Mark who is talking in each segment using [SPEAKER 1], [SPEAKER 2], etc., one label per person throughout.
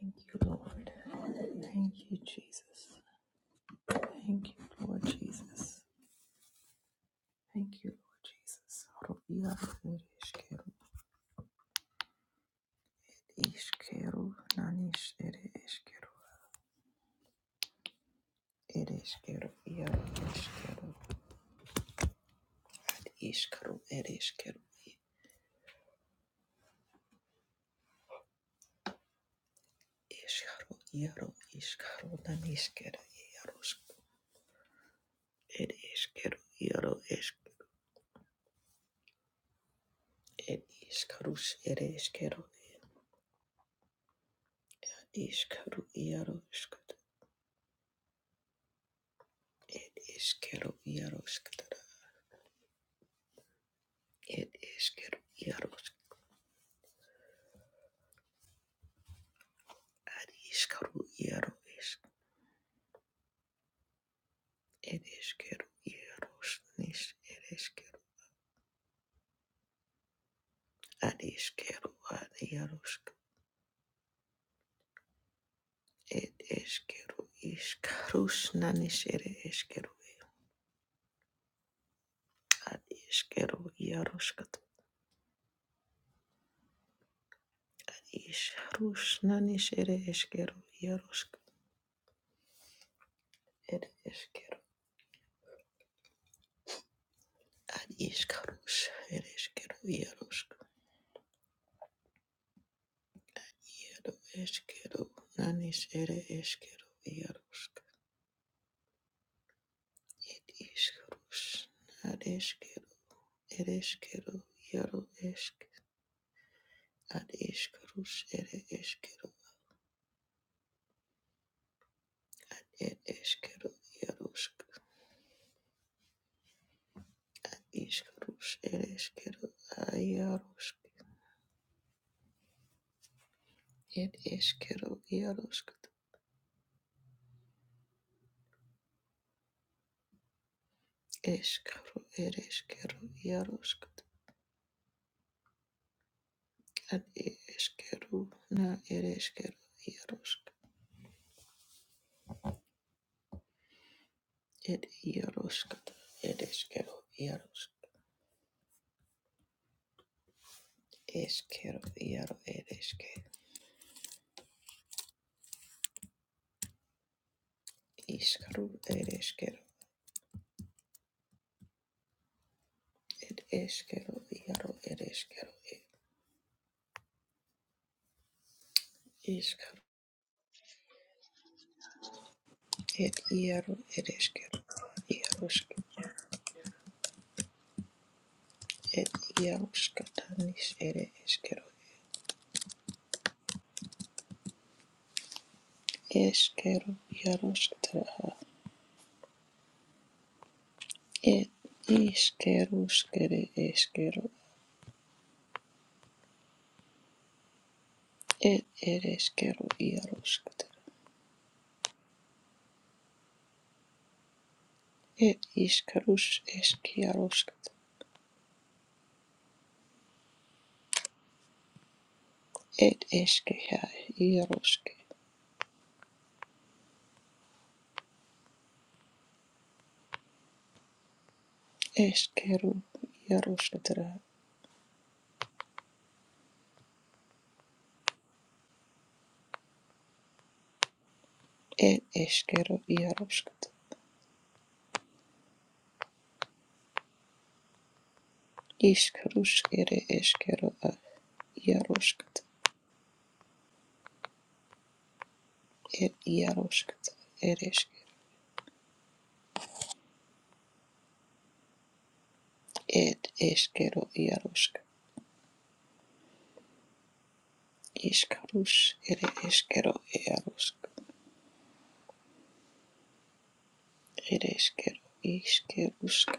[SPEAKER 1] Thank you, Lord. Thank you, Jesus. Thank you, Lord Jesus. Thank you, Lord Jesus. Rubiar ere eskero, iskero, nanis ere eskero, ere eskero, iaro eskero, iskaro ere eskero, iskaro, iaro, iskaro, nanis kere, iaro, ere eskero, iaro, esk, ere iskarus, ere eskero, iskaru, iaro, skat, iaro, skat, It is keru quero hieros, aris caro hieros, it is keru hieros, nis, it is keru. Ad is keru quero hieros, it is keru is carus nanis, it is quero, aris quero hieros, aris carus nanis, it is keru hieros, it is keru. quero, is carus, it is keru hieros, hiero is quero, nanis, it is keru hieros. It is Karush, ad eskero, ed eskero, yaro esk, ad eskarus, ere eskero, ed eskero, yarusk, iskarus, ere eskero, ayarusk, ed eskero, yarusk, eskaro, ere eskero, yarusk, ad eskero, na ere eskero, yarusk, ed yarusk, ed eskero, yarusk, eskero, yaro, ere Iskaro ereskero ed eskero iaro ereskero ed iskaro ed iaro ereskero iarosk
[SPEAKER 2] Korea
[SPEAKER 1] ed iaroskatanis ere eskero eskero iaroskataha ed iskeruskere eskero ed ereskero iaroskatara ed iskarus eskiaroskatara ed eskeha iaroske eskero iaroskatara ed eskero iaroskatara Ishkarushk ere eskero ad yaroshkt ed yaroshkt ed ed eskero yaroshk ishkarush ere eskero yaroshk ed eskero ishkerushk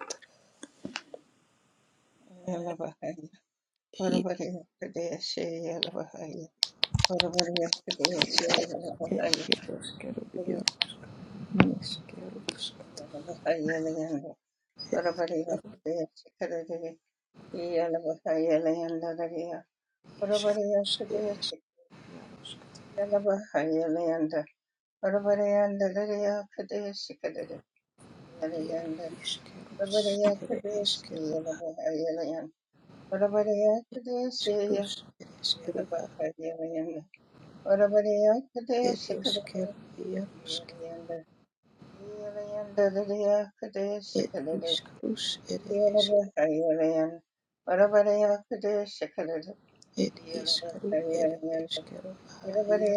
[SPEAKER 3] Yalabahaya,
[SPEAKER 1] ed
[SPEAKER 3] Orabariya Kadeshi, Yalabahaya, Orabariya Kadeshi, Yalabahaya,
[SPEAKER 1] yaroshkero yaroshk niskerushk
[SPEAKER 3] Orabariya Layanda, Orabariya Kadeshi, Kadadiri, Yalabahaya Layanda Dariya, Orabariya
[SPEAKER 1] ishkarush ere
[SPEAKER 3] Kadeshi, Yalabahaya Layanda, Orabariya Dariya Kadeshi, Kadadiri, Yalayanda,
[SPEAKER 1] esk yaroshk
[SPEAKER 3] Orabariya Kadeshi,
[SPEAKER 1] iskerus,
[SPEAKER 3] Yalabahaya Layanda, Orabariya Kadeshi,
[SPEAKER 1] ere eskero ishkarush ere ad
[SPEAKER 3] Yalabahaya Layanda, Orabariya
[SPEAKER 1] ed
[SPEAKER 3] Kadeshi, Kadari,
[SPEAKER 1] eskero yaroshk
[SPEAKER 3] Yeah,
[SPEAKER 1] ed ishkarush It is Kero, it is Kero, Ayar,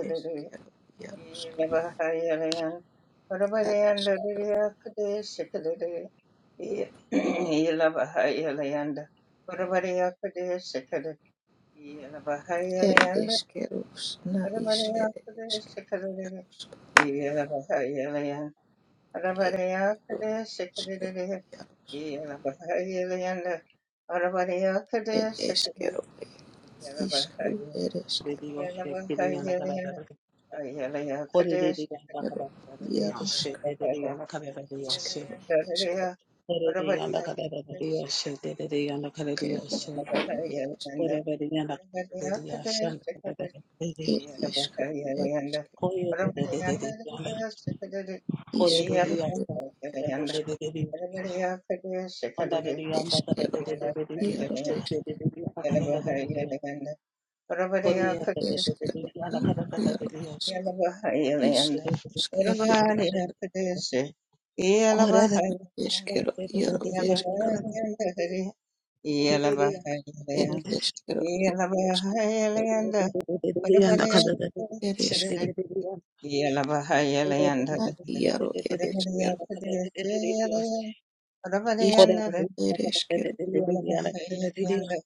[SPEAKER 1] is Kero, Yarusk, Ad is Kero, it is Kero, Sna is it is Kero, Yarusk,
[SPEAKER 3] Yeah.
[SPEAKER 1] it is Kero, Yarusk, it is Kero, it is Kero, it is Kero, Yarusk, is Kero, it is Kero, is Kero, it is it is Kero, it is Kero,
[SPEAKER 3] Yellow,
[SPEAKER 1] is Kero, Yarusk, is Kero, Yarusk, is Kero, Yarusk. Iskero,
[SPEAKER 2] Kore Oh
[SPEAKER 1] iskero, iaro, iskero, ed, iskero, iskero, iskero, ad, iaro, ed, iskero, isk, ed, iskero,
[SPEAKER 3] Yalabahayalayanda,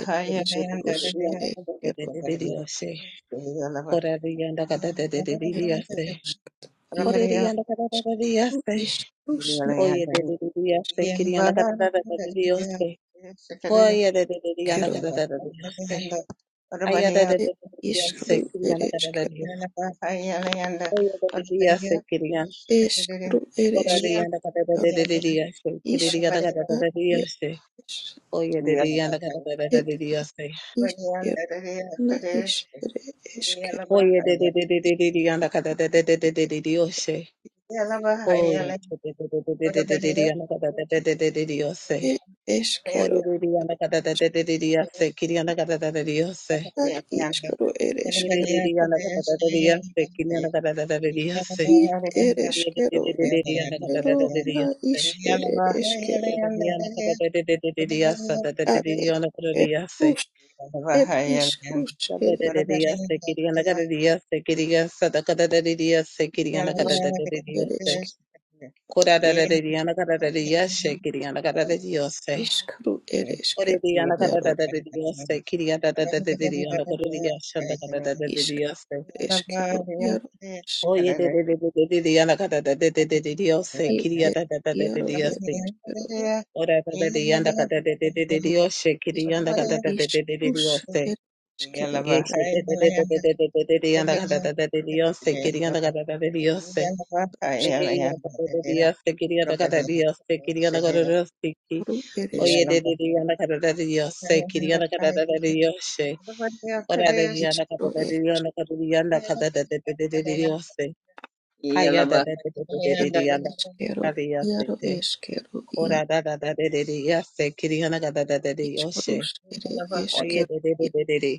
[SPEAKER 1] ed, iskrus, ed, iskero,
[SPEAKER 3] Rabariyakustu, Yalaba,
[SPEAKER 1] ed,
[SPEAKER 3] Yalabahayalayanda,
[SPEAKER 1] iarosk,
[SPEAKER 3] Rabariyakustu,
[SPEAKER 1] iaskru, iskrus,
[SPEAKER 2] yeah,
[SPEAKER 3] Yalayanda, Yalabahayalayanda, Shakadada,
[SPEAKER 2] da da da da
[SPEAKER 1] naskero,
[SPEAKER 2] da da da da.
[SPEAKER 3] Yalabahayalayanda,
[SPEAKER 2] Ayada de
[SPEAKER 1] ed,
[SPEAKER 3] Rabariyakustu,
[SPEAKER 2] Dios
[SPEAKER 1] iskru,
[SPEAKER 2] se cría
[SPEAKER 1] ed,
[SPEAKER 2] la cara de
[SPEAKER 1] iskero,
[SPEAKER 2] Dios.
[SPEAKER 3] Yalabahayalayanda, Rabariyakustu,
[SPEAKER 2] Ayada de
[SPEAKER 3] Shakadada,
[SPEAKER 2] Dios se cría.
[SPEAKER 3] Yalabahayalayanda,
[SPEAKER 1] iskru, ed,
[SPEAKER 2] Ora
[SPEAKER 1] iskero,
[SPEAKER 2] de
[SPEAKER 3] Rabariyakustu,
[SPEAKER 2] la cara de
[SPEAKER 3] Yalabahayalayanda,
[SPEAKER 2] Dios se
[SPEAKER 1] isk,
[SPEAKER 2] cría la cara
[SPEAKER 1] ad,
[SPEAKER 2] de Dios.
[SPEAKER 1] iaros,
[SPEAKER 2] Oye, de Dios la cara
[SPEAKER 1] ed,
[SPEAKER 2] de Dios.
[SPEAKER 1] iskero, na,
[SPEAKER 3] Rabariyakustu,
[SPEAKER 1] iskere, iskero,
[SPEAKER 2] Oye de
[SPEAKER 3] Yeah.
[SPEAKER 2] Dios la cara de Dios. Oye de Dios la cara de Dios.
[SPEAKER 1] ed, eskero,
[SPEAKER 2] Oye de Dios la cara de Dios se cría la cara de Dios.
[SPEAKER 1] Ad iskero
[SPEAKER 2] Oye
[SPEAKER 1] ereskero
[SPEAKER 2] de Dios la cara de Dios se cría la cara de Dios.
[SPEAKER 1] id
[SPEAKER 2] Oye de
[SPEAKER 1] ereskero
[SPEAKER 2] Dios la cara
[SPEAKER 1] idero
[SPEAKER 2] de
[SPEAKER 1] na
[SPEAKER 2] Dios.
[SPEAKER 1] isk ereskero
[SPEAKER 2] Ora da da da yanda ka da da da da da da yoshe
[SPEAKER 1] ad
[SPEAKER 2] kiri yanda ka da
[SPEAKER 1] eske
[SPEAKER 2] da
[SPEAKER 1] rus ed isk rus ere isk eresk iskru ereskero yaro
[SPEAKER 3] Yeah.
[SPEAKER 1] isk ereskero yaro is- id ed yaro ereskero iskru
[SPEAKER 2] da
[SPEAKER 1] isk
[SPEAKER 2] da da da
[SPEAKER 1] rus
[SPEAKER 2] yoshe.
[SPEAKER 1] ereskero
[SPEAKER 2] Yes,
[SPEAKER 1] yaro
[SPEAKER 2] de de de de de de de de de de yanda gada da da de diyose
[SPEAKER 1] ad
[SPEAKER 2] kiri yanda gada da de diyose. Ey yanda gada da de diyose kiri yanda gada diyose kiri yanda gada diyose ki.
[SPEAKER 1] iskru eresk
[SPEAKER 2] Oye de de de yanda gada da de diyose kiri yanda gada da da de diyose. Ora de de yanda
[SPEAKER 1] iskru
[SPEAKER 2] gada da de
[SPEAKER 1] ed
[SPEAKER 2] yanda gada de yanda gada da de de de de de diyose.
[SPEAKER 3] Yala
[SPEAKER 2] Haya da da de de de
[SPEAKER 3] bahaya,
[SPEAKER 2] de de
[SPEAKER 1] ed
[SPEAKER 2] de
[SPEAKER 3] yanda
[SPEAKER 2] yanda
[SPEAKER 3] bahaya,
[SPEAKER 1] eskero
[SPEAKER 2] gada diyose
[SPEAKER 1] yaro
[SPEAKER 2] de.
[SPEAKER 1] eskero
[SPEAKER 2] Ora da da da de de de diyose kiri yanda gada da da de diyose.
[SPEAKER 1] Iskarus ere
[SPEAKER 3] yala bahaya,
[SPEAKER 2] Oye
[SPEAKER 1] eskero
[SPEAKER 2] de de de
[SPEAKER 1] ia
[SPEAKER 2] de de de.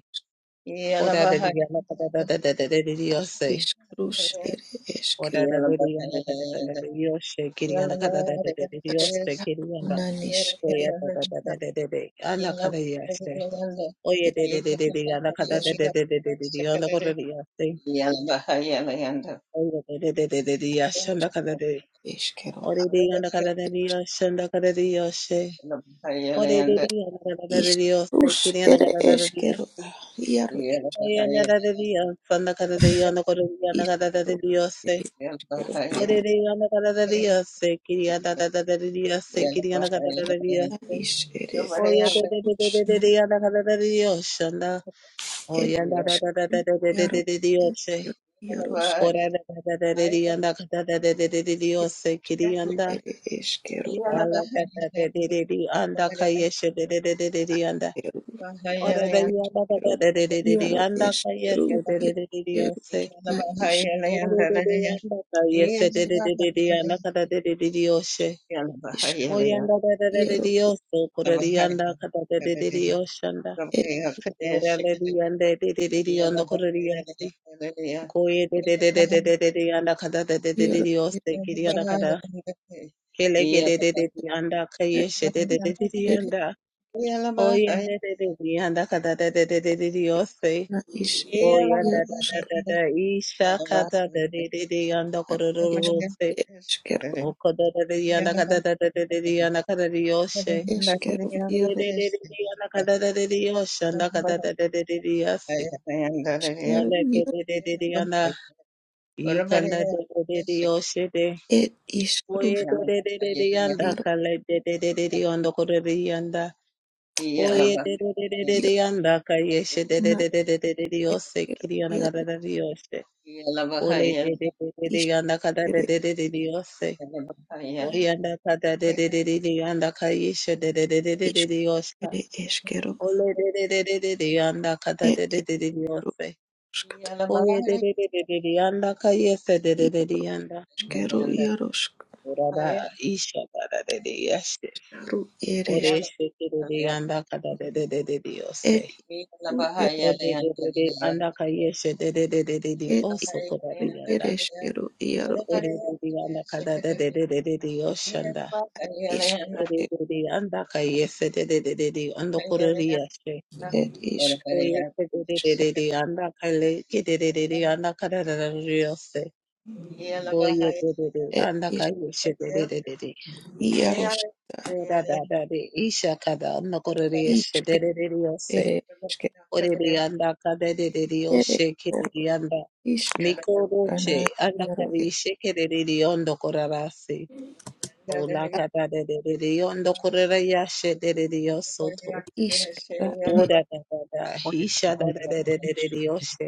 [SPEAKER 3] yala
[SPEAKER 2] Ora de de
[SPEAKER 3] bahaya,
[SPEAKER 2] yanda gada da da da de de de diyose.
[SPEAKER 1] iskarus ere
[SPEAKER 2] Ora
[SPEAKER 1] eskero
[SPEAKER 2] da da
[SPEAKER 3] yala
[SPEAKER 2] da da
[SPEAKER 3] bahaya,
[SPEAKER 2] da da da
[SPEAKER 3] yanda,
[SPEAKER 2] da yo she kiri
[SPEAKER 3] yala
[SPEAKER 2] anda kada da da da
[SPEAKER 3] bahaya,
[SPEAKER 2] da yo she
[SPEAKER 3] kadesh,
[SPEAKER 2] kiri
[SPEAKER 1] askaro
[SPEAKER 2] anda
[SPEAKER 1] nanis
[SPEAKER 3] yala
[SPEAKER 1] ere
[SPEAKER 2] oya da
[SPEAKER 3] bahaya,
[SPEAKER 2] da da da da da da anda
[SPEAKER 3] yala
[SPEAKER 2] kada ya she
[SPEAKER 3] bahaya, yanda,
[SPEAKER 2] oya da da da
[SPEAKER 3] yala
[SPEAKER 2] da da anda kada
[SPEAKER 1] es
[SPEAKER 2] da
[SPEAKER 3] bahaya,
[SPEAKER 2] da
[SPEAKER 3] yala
[SPEAKER 2] da da da
[SPEAKER 3] kadesh,
[SPEAKER 2] da yo anda kada
[SPEAKER 3] kadesh,
[SPEAKER 2] ya she
[SPEAKER 3] yala bahaya, yanda, yala bahaya, yala bahaya, yanda, yala bahaya, yala bahaya, yala bahaya, yala yanda, yanda,
[SPEAKER 2] oya da da da da da da ya she anda kada da
[SPEAKER 1] eskero
[SPEAKER 2] ore da anda kada da da yo she anda kada da yo she ore da da anda kada da da da yo she
[SPEAKER 1] iskarus
[SPEAKER 2] kiri anda
[SPEAKER 1] ere
[SPEAKER 2] kada da da da yo
[SPEAKER 1] eskero
[SPEAKER 2] she
[SPEAKER 1] iaro
[SPEAKER 2] oya da da da da yo she anda kada da yo anda kada da anda kada da
[SPEAKER 1] iskaru
[SPEAKER 2] da yo
[SPEAKER 1] ere eskero
[SPEAKER 2] Orereyana kadadadiyase, kiriyana dadadadadiyase,
[SPEAKER 1] eta
[SPEAKER 2] kiriyana kadadadadiyase.
[SPEAKER 1] is ere
[SPEAKER 2] Oya
[SPEAKER 3] Yellow
[SPEAKER 1] iskarus na
[SPEAKER 2] dadadadadadadiyana kadadadiyoshana.
[SPEAKER 1] ed
[SPEAKER 2] Oya
[SPEAKER 3] Yeah.
[SPEAKER 1] iskaru iaro eskero
[SPEAKER 2] dadadadadadadadadadiyose.
[SPEAKER 1] iaros
[SPEAKER 2] Kora da da da de kadadadadadadiyose,
[SPEAKER 1] eskero
[SPEAKER 2] kiriyanda.
[SPEAKER 1] ere eskero
[SPEAKER 2] Ala kadadadadadiyanda kayeshe de de kadadadadadadiyanda
[SPEAKER 1] iaro ad eskero iaro eskero
[SPEAKER 2] kayeshe
[SPEAKER 1] iaro
[SPEAKER 2] de
[SPEAKER 1] na is
[SPEAKER 2] Orereyana kayeshe de kadadadadadiyoshe. Oyanda da da da da
[SPEAKER 1] Iero
[SPEAKER 2] da yoso, koreri yanda kata da da da da yoshanda.
[SPEAKER 1] ed
[SPEAKER 2] Orale di yanda da da da da yanda koreri yasi. Koye da da da da da da da da yanda kata da da da da
[SPEAKER 1] iero
[SPEAKER 2] da
[SPEAKER 1] ed
[SPEAKER 2] yose, kiri yanda kata. Kele ge da da da da yanda kaye
[SPEAKER 1] ed
[SPEAKER 2] she da da da da da
[SPEAKER 1] ed
[SPEAKER 2] yanda. Oyanda da da da yanda kata da da da da da da yose.
[SPEAKER 1] na is ed
[SPEAKER 2] Oyanda da da
[SPEAKER 1] ierosk
[SPEAKER 2] da da isha kata da da da da yanda
[SPEAKER 1] ad
[SPEAKER 2] kororo
[SPEAKER 1] isk
[SPEAKER 3] Yalla
[SPEAKER 2] yose.
[SPEAKER 1] ed iskero
[SPEAKER 2] Okoda da da yanda kata da da da da da yanda kata da yoshe.
[SPEAKER 1] eskero
[SPEAKER 2] Oye, Ole
[SPEAKER 1] iero
[SPEAKER 2] de de de de de yanda kada de de de
[SPEAKER 1] iskero iero
[SPEAKER 2] de de yose.
[SPEAKER 1] ed iskrus iero ad iero na eskero iero iskere
[SPEAKER 2] O yanda kada de de de de de yanda kayışa de de de de de de de yosa.
[SPEAKER 1] iskere eskero
[SPEAKER 2] Ole de de de de de de yanda kata de
[SPEAKER 1] ed
[SPEAKER 2] de de de de
[SPEAKER 1] ierosk
[SPEAKER 2] yose. Koye de de de de de de yanda kayese de de de de yanda.
[SPEAKER 1] ieroskero ierosk
[SPEAKER 2] Orada isha kata de de yashe.
[SPEAKER 1] ru
[SPEAKER 2] Ore
[SPEAKER 1] eres
[SPEAKER 2] eshe de de
[SPEAKER 3] bahaya
[SPEAKER 2] de yanda kata de de de de de yose.
[SPEAKER 1] ed ru ed
[SPEAKER 2] Kode de de de yanda kayeshe de de de de de de
[SPEAKER 1] ed
[SPEAKER 2] oso koda de
[SPEAKER 1] ru
[SPEAKER 2] yanda.
[SPEAKER 1] ereskero iero ed
[SPEAKER 2] Ore de de yanda kata de de de de de de yoshanda.
[SPEAKER 1] iskero
[SPEAKER 2] Ore
[SPEAKER 1] ed
[SPEAKER 2] de de yanda kayese de de de de de ondo korori yashe.
[SPEAKER 1] ed isk
[SPEAKER 2] Oye, que de de de de de, anda calle, que de de de de, anda karararariyose. Oye, que de de,
[SPEAKER 1] et
[SPEAKER 2] anda
[SPEAKER 1] iš
[SPEAKER 2] calle, que de de de kaye, shedededede.
[SPEAKER 1] ieros
[SPEAKER 2] Ora da da de isha kada, anda de de de de kororiye,
[SPEAKER 1] išketerė
[SPEAKER 2] shededederiyose. de anda
[SPEAKER 1] išketerė
[SPEAKER 2] kadededediyoshe,
[SPEAKER 1] ir
[SPEAKER 2] kedede, anda.
[SPEAKER 1] iškana
[SPEAKER 2] Mikoroshe, anda
[SPEAKER 1] iero ir
[SPEAKER 2] calle, que de de de ondo korarase. Ola cada de de de de ondo kororaya, shededediyosoto.
[SPEAKER 1] iškara ir
[SPEAKER 2] Ora da da da,
[SPEAKER 4] Haya
[SPEAKER 2] isha da da da da
[SPEAKER 4] tabayeti,
[SPEAKER 2] da de dadadededediyoshe.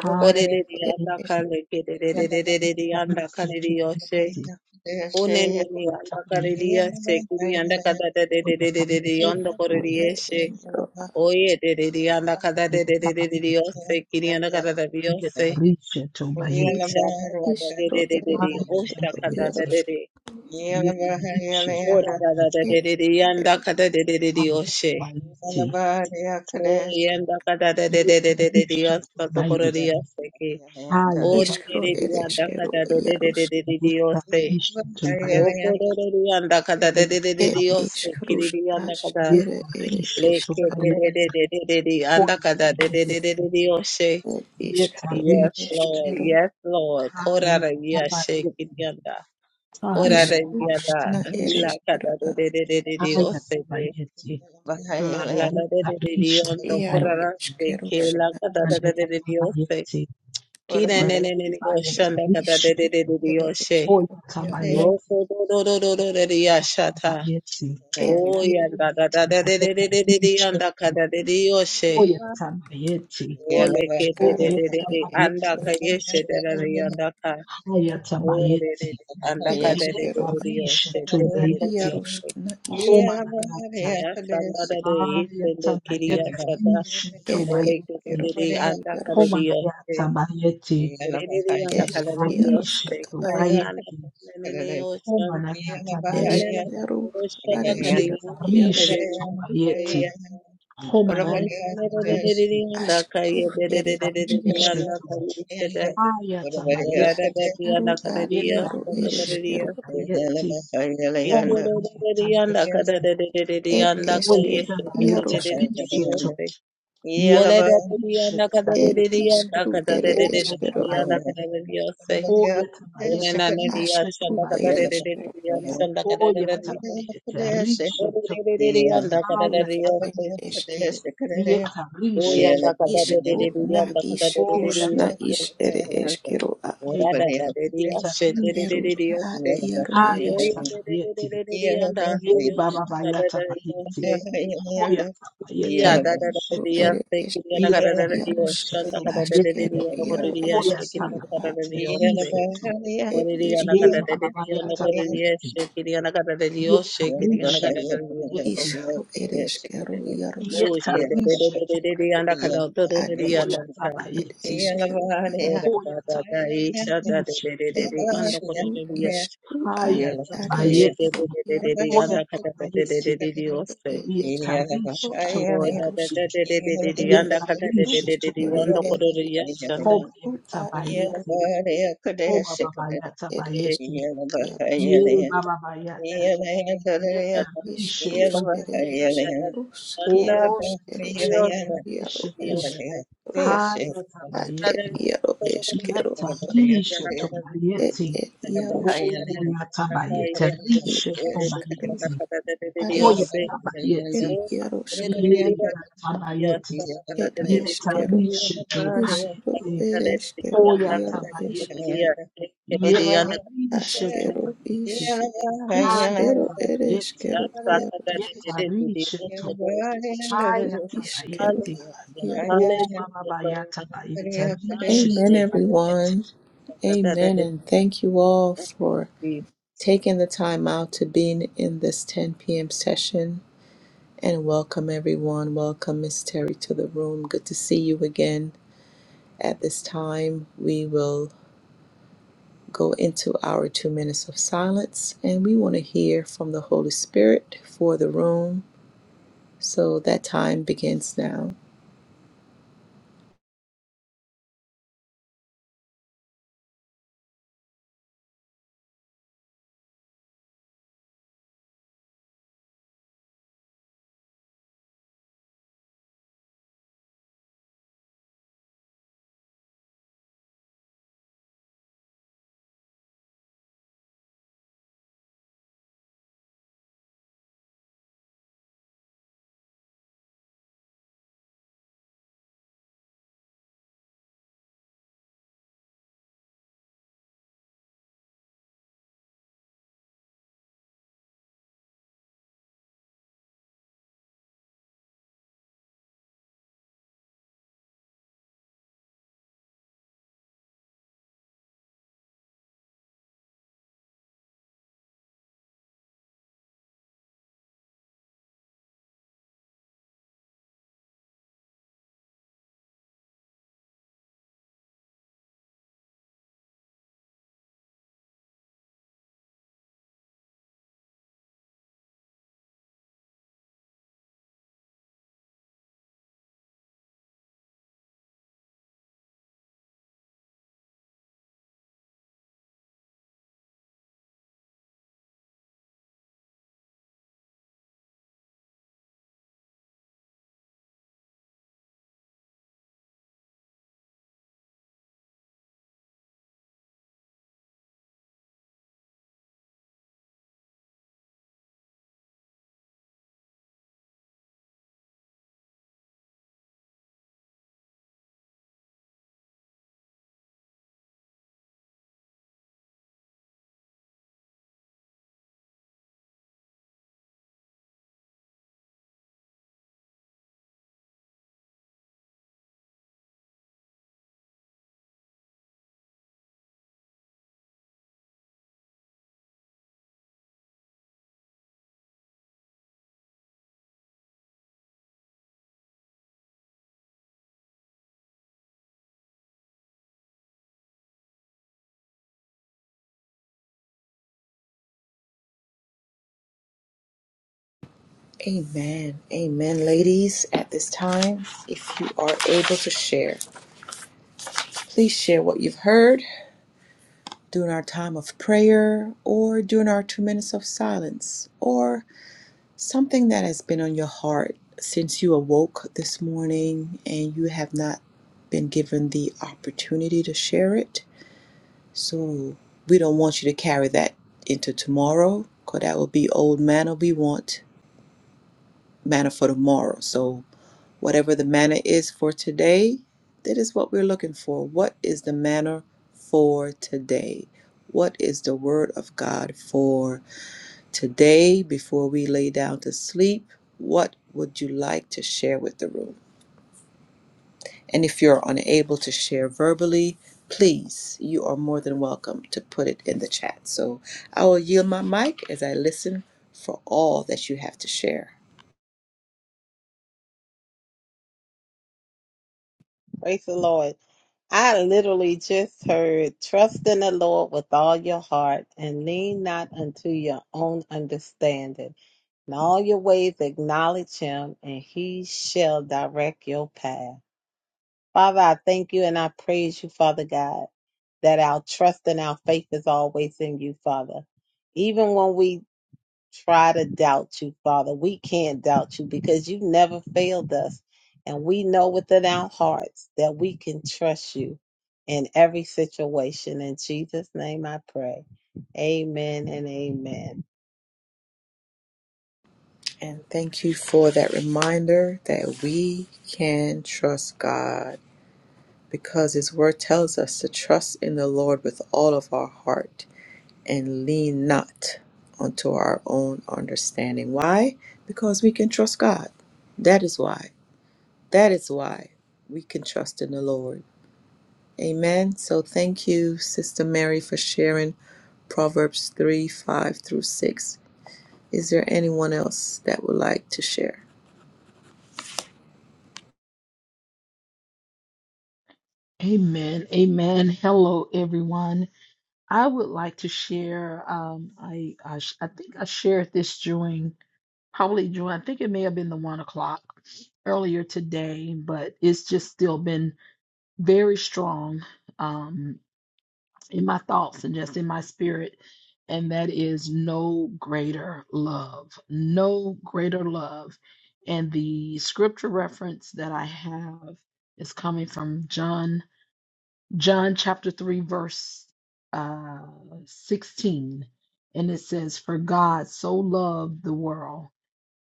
[SPEAKER 4] haya
[SPEAKER 2] Orerere anda
[SPEAKER 4] tabayeti,
[SPEAKER 2] kale
[SPEAKER 1] iš
[SPEAKER 4] haya
[SPEAKER 2] kerererererere anda kaleri yoshe. Onenene anda kaleri yoshe. Kuri anda
[SPEAKER 3] Yeah.
[SPEAKER 2] kadadadadadadadadadada yondo
[SPEAKER 3] Yeah.
[SPEAKER 1] iškro
[SPEAKER 2] koreri
[SPEAKER 1] ir iero
[SPEAKER 2] yeshe. Oye dereri anda kadadadadadadadada yoshe. Kiri anda kadadadada yoshe.
[SPEAKER 4] tabayeti,
[SPEAKER 2] Yisha
[SPEAKER 1] iškro ir
[SPEAKER 2] kadadadadadadadada osha
[SPEAKER 1] iero ieros
[SPEAKER 2] kadadadadada.
[SPEAKER 1] ir
[SPEAKER 2] Oradadadadadadada yanda kadadadadadada yoshe. Oye anda kadadadadadadadada yondo koreri yoshe ki.
[SPEAKER 1] iškro
[SPEAKER 2] Orerere
[SPEAKER 1] ir
[SPEAKER 2] anda
[SPEAKER 1] iškero ieros
[SPEAKER 2] kadadadadadadadada yoshe. No korereri anda kada de de de de
[SPEAKER 1] ir
[SPEAKER 2] Dios te
[SPEAKER 1] iškrus
[SPEAKER 2] kiriri anda
[SPEAKER 1] aš
[SPEAKER 2] kada
[SPEAKER 1] ir
[SPEAKER 4] Yeta
[SPEAKER 1] ir
[SPEAKER 4] rishe to
[SPEAKER 2] leke
[SPEAKER 1] iškaro
[SPEAKER 2] de de de
[SPEAKER 4] bayeta.
[SPEAKER 2] de de de de anda
[SPEAKER 4] Oya
[SPEAKER 2] kada de de de de
[SPEAKER 4] tabayeta.
[SPEAKER 2] de Dios she.
[SPEAKER 1] ir
[SPEAKER 4] Yeta
[SPEAKER 1] iškaro ir
[SPEAKER 2] Yes
[SPEAKER 4] rishe to.
[SPEAKER 2] Lord,
[SPEAKER 1] iškero
[SPEAKER 2] yes Lord. Korara
[SPEAKER 4] Aya
[SPEAKER 2] ya she
[SPEAKER 4] tabayeta.
[SPEAKER 2] kiriri anda.
[SPEAKER 4] Aya
[SPEAKER 2] Korara ya
[SPEAKER 1] iškrus
[SPEAKER 2] da
[SPEAKER 4] tabayeta
[SPEAKER 1] na ir
[SPEAKER 2] ila
[SPEAKER 4] rishe to.
[SPEAKER 2] kada
[SPEAKER 1] iškero
[SPEAKER 2] de de de de de Dios
[SPEAKER 4] Aya
[SPEAKER 2] te de.
[SPEAKER 4] tabayete.
[SPEAKER 2] Malala de
[SPEAKER 4] Yeta
[SPEAKER 2] de de
[SPEAKER 4] rishe
[SPEAKER 2] Dios
[SPEAKER 4] to
[SPEAKER 2] no
[SPEAKER 1] iero
[SPEAKER 2] korara
[SPEAKER 4] bayete.
[SPEAKER 2] te ke la kada de
[SPEAKER 1] iškerus
[SPEAKER 2] de de
[SPEAKER 4] Oya
[SPEAKER 2] de Dios te.
[SPEAKER 4] tabayete.
[SPEAKER 2] Kina
[SPEAKER 4] Ye
[SPEAKER 2] ne ne ne ne Dios
[SPEAKER 4] bayeta
[SPEAKER 1] ir
[SPEAKER 2] anda kada
[SPEAKER 4] rishe
[SPEAKER 2] de de
[SPEAKER 1] išrūš,
[SPEAKER 2] de
[SPEAKER 4] to.
[SPEAKER 2] de
[SPEAKER 1] ir
[SPEAKER 2] Dios she.
[SPEAKER 1] iškeru,
[SPEAKER 4] Oya
[SPEAKER 1] ierūš,
[SPEAKER 4] tabayete.
[SPEAKER 2] Roko do do do do do
[SPEAKER 4] Oya
[SPEAKER 2] de ya shata.
[SPEAKER 4] tabayete.
[SPEAKER 1] ir
[SPEAKER 2] Oh yeah, da da da da da
[SPEAKER 4] Oya
[SPEAKER 2] da
[SPEAKER 4] tabayeta
[SPEAKER 2] da da da
[SPEAKER 4] rishe
[SPEAKER 2] yanda
[SPEAKER 4] to.
[SPEAKER 2] kada da da yoshe.
[SPEAKER 4] Oya tabayete.
[SPEAKER 2] Oh
[SPEAKER 1] ir
[SPEAKER 2] leke da
[SPEAKER 1] iškeru,
[SPEAKER 2] da da da
[SPEAKER 1] ar
[SPEAKER 2] da
[SPEAKER 4] Oyetabayete
[SPEAKER 2] anda
[SPEAKER 1] iškeru,
[SPEAKER 2] ka yeshe da da
[SPEAKER 4] rishetu
[SPEAKER 2] da yanda ka.
[SPEAKER 3] Yeah.
[SPEAKER 2] Oh da
[SPEAKER 4] hayatabayeti.
[SPEAKER 2] da da anda
[SPEAKER 1] ir
[SPEAKER 2] ka da da da
[SPEAKER 1] iškeru,
[SPEAKER 2] da da
[SPEAKER 4] Yetarishe
[SPEAKER 2] yoshe da da da da da
[SPEAKER 4] tobayeti.
[SPEAKER 1] ierūš,
[SPEAKER 2] yoshe.
[SPEAKER 1] na iškeru,
[SPEAKER 4] Homanayata.
[SPEAKER 2] Ya da da da yoshe da kiri ya
[SPEAKER 4] Ayatabayete
[SPEAKER 2] da
[SPEAKER 4] rishe
[SPEAKER 1] ir
[SPEAKER 2] Oh leke da
[SPEAKER 4] tobayeti.
[SPEAKER 1] iškeru,
[SPEAKER 2] da da anda ka da
[SPEAKER 1] ierūš,
[SPEAKER 2] da
[SPEAKER 4] Homanayata
[SPEAKER 2] yoshe.
[SPEAKER 4] bayeti.
[SPEAKER 2] Da da da da yanda ka da da
[SPEAKER 1] iškerūš,
[SPEAKER 4] Yetarishe
[SPEAKER 2] yoshe.
[SPEAKER 1] kada
[SPEAKER 2] Konna na
[SPEAKER 4] tobayeti.
[SPEAKER 2] na na na yoshe.
[SPEAKER 4] Homanayata
[SPEAKER 2] Na na na
[SPEAKER 4] bayeti.
[SPEAKER 2] na
[SPEAKER 1] iškeru,
[SPEAKER 2] yoshe
[SPEAKER 1] ar
[SPEAKER 2] na ka da
[SPEAKER 1] iškeru,
[SPEAKER 2] yanda ka da da
[SPEAKER 4] Yetarishe
[SPEAKER 2] da
[SPEAKER 1] ierūš,
[SPEAKER 2] yanda ka da da
[SPEAKER 4] tobayeti.
[SPEAKER 2] yoshe. Oh, Oya
[SPEAKER 4] Homanayata bayeti.
[SPEAKER 1] aškeru, ir iškeru,
[SPEAKER 4] Yetarishe to. Ayatabayeti.
[SPEAKER 1] aru,
[SPEAKER 2] ndakadadadadadiyanda
[SPEAKER 1] ar ieru, ir
[SPEAKER 4] Yetarishe
[SPEAKER 1] iškeru,
[SPEAKER 4] tobayeti, homanayeta bayeti,
[SPEAKER 1] ir iške,
[SPEAKER 4] oyeta bayeta
[SPEAKER 1] ierūš, kad
[SPEAKER 4] rishe to, yetarishe
[SPEAKER 1] ir
[SPEAKER 4] tobayeti,
[SPEAKER 1] iškeru, ir
[SPEAKER 4] oyata
[SPEAKER 1] iškeru,
[SPEAKER 4] bayeti,
[SPEAKER 3] Yeah.
[SPEAKER 4] oyata bayeta rishe
[SPEAKER 1] aškeru, ir
[SPEAKER 4] tobayeti, oyata bayeta rishe to,
[SPEAKER 1] Rus
[SPEAKER 4] ayata
[SPEAKER 1] ere
[SPEAKER 4] bayeti,
[SPEAKER 1] esquero.
[SPEAKER 4] yetarishe tobayeti,
[SPEAKER 1] Isru na is rus na
[SPEAKER 4] oyata
[SPEAKER 2] kadadadadadiyoshe.
[SPEAKER 1] is
[SPEAKER 4] bayeti,
[SPEAKER 1] ere esquero a
[SPEAKER 2] Ora da
[SPEAKER 4] eyata
[SPEAKER 2] da de de
[SPEAKER 4] bayeta
[SPEAKER 2] ashe de de
[SPEAKER 4] rishe
[SPEAKER 2] de
[SPEAKER 1] eru
[SPEAKER 2] de
[SPEAKER 4] to,
[SPEAKER 2] de
[SPEAKER 1] a
[SPEAKER 2] ashe.
[SPEAKER 1] iaro ere
[SPEAKER 2] Oye
[SPEAKER 4] ayata
[SPEAKER 2] de
[SPEAKER 1] esquero.
[SPEAKER 2] de de de
[SPEAKER 4] bayeti,
[SPEAKER 2] de de de anda.
[SPEAKER 4] Ye baba
[SPEAKER 2] Yoshan da da
[SPEAKER 4] bayata
[SPEAKER 2] da de
[SPEAKER 4] bayeti.
[SPEAKER 2] ashe.
[SPEAKER 4] Hoya bayete
[SPEAKER 2] Ya da
[SPEAKER 1] Esru
[SPEAKER 2] da da de de
[SPEAKER 4] rishetu.
[SPEAKER 1] ere
[SPEAKER 2] ashe. Kiriya na
[SPEAKER 1] esquero.
[SPEAKER 2] kada
[SPEAKER 4] Yeta
[SPEAKER 2] da da de
[SPEAKER 1] Iarosk
[SPEAKER 2] yoshan
[SPEAKER 4] rishetu
[SPEAKER 2] da kada da da de de
[SPEAKER 4] bayeti.
[SPEAKER 2] de
[SPEAKER 1] asquero
[SPEAKER 2] yana kore
[SPEAKER 1] iaro
[SPEAKER 2] de ashe.
[SPEAKER 4] Hoya
[SPEAKER 2] Kiriya
[SPEAKER 1] esquero
[SPEAKER 2] na kada
[SPEAKER 1] a
[SPEAKER 2] da da
[SPEAKER 4] bayete
[SPEAKER 2] de yoshe.
[SPEAKER 4] rishetu.
[SPEAKER 1] er
[SPEAKER 2] Ore de
[SPEAKER 1] is
[SPEAKER 2] yana
[SPEAKER 4] Ye
[SPEAKER 2] kada da da de
[SPEAKER 4] baba
[SPEAKER 2] de yana
[SPEAKER 4] bayata
[SPEAKER 2] kore de
[SPEAKER 4] bayeti.
[SPEAKER 2] ashe. Kiriya na kada da da de
[SPEAKER 4] Yeta
[SPEAKER 2] yoshe.
[SPEAKER 3] Yeah,
[SPEAKER 2] Kiriya na kada
[SPEAKER 4] rishetu
[SPEAKER 2] da de yosho.
[SPEAKER 4] bayeti.
[SPEAKER 1] isru ere esquero iarosk
[SPEAKER 4] Yeta
[SPEAKER 2] Oshe de de de de
[SPEAKER 4] rishetu
[SPEAKER 2] de de de anda
[SPEAKER 4] bayeti.
[SPEAKER 2] kada da da da
[SPEAKER 1] ad
[SPEAKER 2] de de
[SPEAKER 1] is
[SPEAKER 4] Hoya
[SPEAKER 2] anda kada.
[SPEAKER 1] ere
[SPEAKER 4] bayeti.
[SPEAKER 1] esquero
[SPEAKER 2] Ora
[SPEAKER 1] iaro
[SPEAKER 2] da
[SPEAKER 4] Hoya
[SPEAKER 2] da da
[SPEAKER 4] bayete
[SPEAKER 2] isha da de de de
[SPEAKER 4] rishetu.
[SPEAKER 2] de
[SPEAKER 1] er
[SPEAKER 2] de anda
[SPEAKER 1] isru
[SPEAKER 2] kore de de ashe.
[SPEAKER 1] isru ad
[SPEAKER 4] Haya
[SPEAKER 1] ad
[SPEAKER 2] Oye, de
[SPEAKER 4] bayeti.
[SPEAKER 1] esquero
[SPEAKER 2] de de de de
[SPEAKER 1] iaro
[SPEAKER 2] de,
[SPEAKER 4] Hoya
[SPEAKER 2] anda kata de de de de
[SPEAKER 4] bayeti.
[SPEAKER 2] de de, oste.
[SPEAKER 1] ere
[SPEAKER 4] Yeta
[SPEAKER 1] esquero ad
[SPEAKER 4] rishetu
[SPEAKER 2] Oye, de
[SPEAKER 4] bayeti.
[SPEAKER 1] iarosk
[SPEAKER 2] de de de de de de,
[SPEAKER 1] nes.
[SPEAKER 2] anda kata de de
[SPEAKER 4] Yetarisha
[SPEAKER 1] rus
[SPEAKER 2] de de de, anda
[SPEAKER 1] ere
[SPEAKER 4] Tabayeti,
[SPEAKER 2] kororo shanda.
[SPEAKER 1] Who
[SPEAKER 4] Hobayata
[SPEAKER 1] are Yaros
[SPEAKER 4] Bayeti, Obabayata Bayeti,
[SPEAKER 1] Eskeru Yaros
[SPEAKER 4] Ye Bababayata,
[SPEAKER 1] Ed
[SPEAKER 4] Yetarisha
[SPEAKER 1] Iskrus Ere
[SPEAKER 4] Tobayeti,
[SPEAKER 1] Iskrus Na
[SPEAKER 2] Anda
[SPEAKER 4] O
[SPEAKER 2] kata
[SPEAKER 1] Is Ed
[SPEAKER 2] Dios,
[SPEAKER 1] Eskeru
[SPEAKER 4] Yatabayeta
[SPEAKER 1] Yaro
[SPEAKER 4] Risha
[SPEAKER 3] Hello,
[SPEAKER 4] Do,
[SPEAKER 2] Dios,
[SPEAKER 1] Iskro
[SPEAKER 4] Hayata
[SPEAKER 1] Ad
[SPEAKER 2] anda
[SPEAKER 1] Ed
[SPEAKER 2] de
[SPEAKER 4] Bayeti,
[SPEAKER 1] Yaro
[SPEAKER 2] solo con
[SPEAKER 1] Eskeru
[SPEAKER 2] Dios,
[SPEAKER 4] Yetarisha
[SPEAKER 2] kata de
[SPEAKER 1] Ed
[SPEAKER 2] Dios.
[SPEAKER 4] Tobayeti,
[SPEAKER 1] Ed Yarosk
[SPEAKER 2] Anda kata
[SPEAKER 4] O Yatabayeta
[SPEAKER 2] de
[SPEAKER 4] Risha
[SPEAKER 2] Dios,
[SPEAKER 1] Ikru
[SPEAKER 2] anda
[SPEAKER 4] Tobayeti,
[SPEAKER 2] kata de
[SPEAKER 1] Are Ed
[SPEAKER 2] Dios,
[SPEAKER 1] Ed
[SPEAKER 4] Hoyatabayeti,
[SPEAKER 2] Oh, yes,
[SPEAKER 4] Ye Yatabayeti,
[SPEAKER 1] Ed Eskeru
[SPEAKER 4] Yetarisha
[SPEAKER 1] Isro
[SPEAKER 4] Tobayeti,
[SPEAKER 1] Ere Eskeru Yaro Esk
[SPEAKER 4] Oyatabayeti,
[SPEAKER 1] Askeru
[SPEAKER 4] yetarishetubayeti,
[SPEAKER 1] Is Is Ero Ere
[SPEAKER 4] hayatabayeti,
[SPEAKER 1] Eskeru Yaros
[SPEAKER 2] yes,
[SPEAKER 4] yetarishetu,
[SPEAKER 1] Iskru Iskeru
[SPEAKER 2] Hallelujah,
[SPEAKER 4] hayatabayeti,
[SPEAKER 1] Yaro
[SPEAKER 2] hallelujah, Lord.
[SPEAKER 4] obabayatabayeti,
[SPEAKER 1] Amen
[SPEAKER 4] bayeti.
[SPEAKER 1] everyone Amen.
[SPEAKER 2] Hallelujah.
[SPEAKER 1] And thank you all
[SPEAKER 2] Thank
[SPEAKER 1] for
[SPEAKER 2] you, Jesus.
[SPEAKER 1] taking the time out to being in this 10 p.m. session. And welcome everyone. Welcome Miss Terry to the room. Good to see you again. At this time, we will go into our two minutes of silence and we want to hear from the Holy Spirit for the room. So that time begins now. Amen. Amen. Ladies, at this time, if you are able to share, please share what you've heard during our time of prayer or during our two minutes of silence or something that has been on your heart since you awoke this morning and you have not been given the opportunity to share it. So we don't want you to carry that into tomorrow because that will be old manna we want manna for tomorrow. So Whatever the manna is for today, that is what we're looking for. What is the manna for today? What is the word of God for today before we lay down to sleep? What would you like to share with the room? And if you're unable to share verbally, please, you are more than welcome to put it in the chat. So I will yield my mic as I listen for all that you have to share.
[SPEAKER 2] Praise the Lord. I literally just heard, trust in the Lord with all your heart and lean not unto your own understanding. In all your ways, acknowledge him, and he shall direct your path. Father, I thank you and I praise you, Father God, that our trust and our faith is always in you, Father. Even when we try to doubt you, Father, we can't doubt you because you never failed us. And we know within our hearts that we can trust you in every situation. In Jesus' name I pray. Amen and amen.
[SPEAKER 1] And thank you for that reminder that we can trust God because His Word tells us to trust in the Lord with all of our heart and lean not unto our own understanding. Why? Because we can trust God. That is why. That is why we can trust in the Lord. Amen. So thank you, Sister Mary, for sharing Proverbs 3 5 through 6. Is there anyone else that would like to share?
[SPEAKER 4] Amen. Amen. Hello, everyone. I would like to share. Um, I, I sh- I think I shared this during probably during. I think it may have been the one o'clock earlier today, but it's just still been very strong. Um. in my thoughts and just in my spirit. And that is no greater love, no greater love. And the scripture reference that I have is coming from John, John chapter 3, verse uh, 16. And it says, For God so loved the world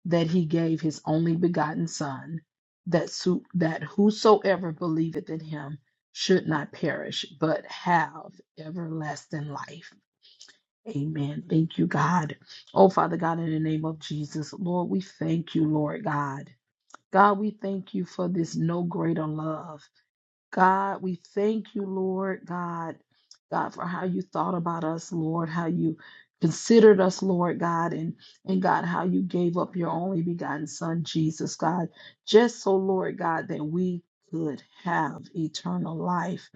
[SPEAKER 4] that he gave his only begotten son that so, that whosoever believeth in him should not perish but have everlasting life amen thank you god oh father god in the name of jesus lord we thank you lord god god we thank you for this no greater love God, we thank you, Lord God, God, for how you thought about us, Lord, how you considered us, Lord God, and, and God, how you gave up your only begotten Son, Jesus, God, just so, Lord God, that we could have eternal life.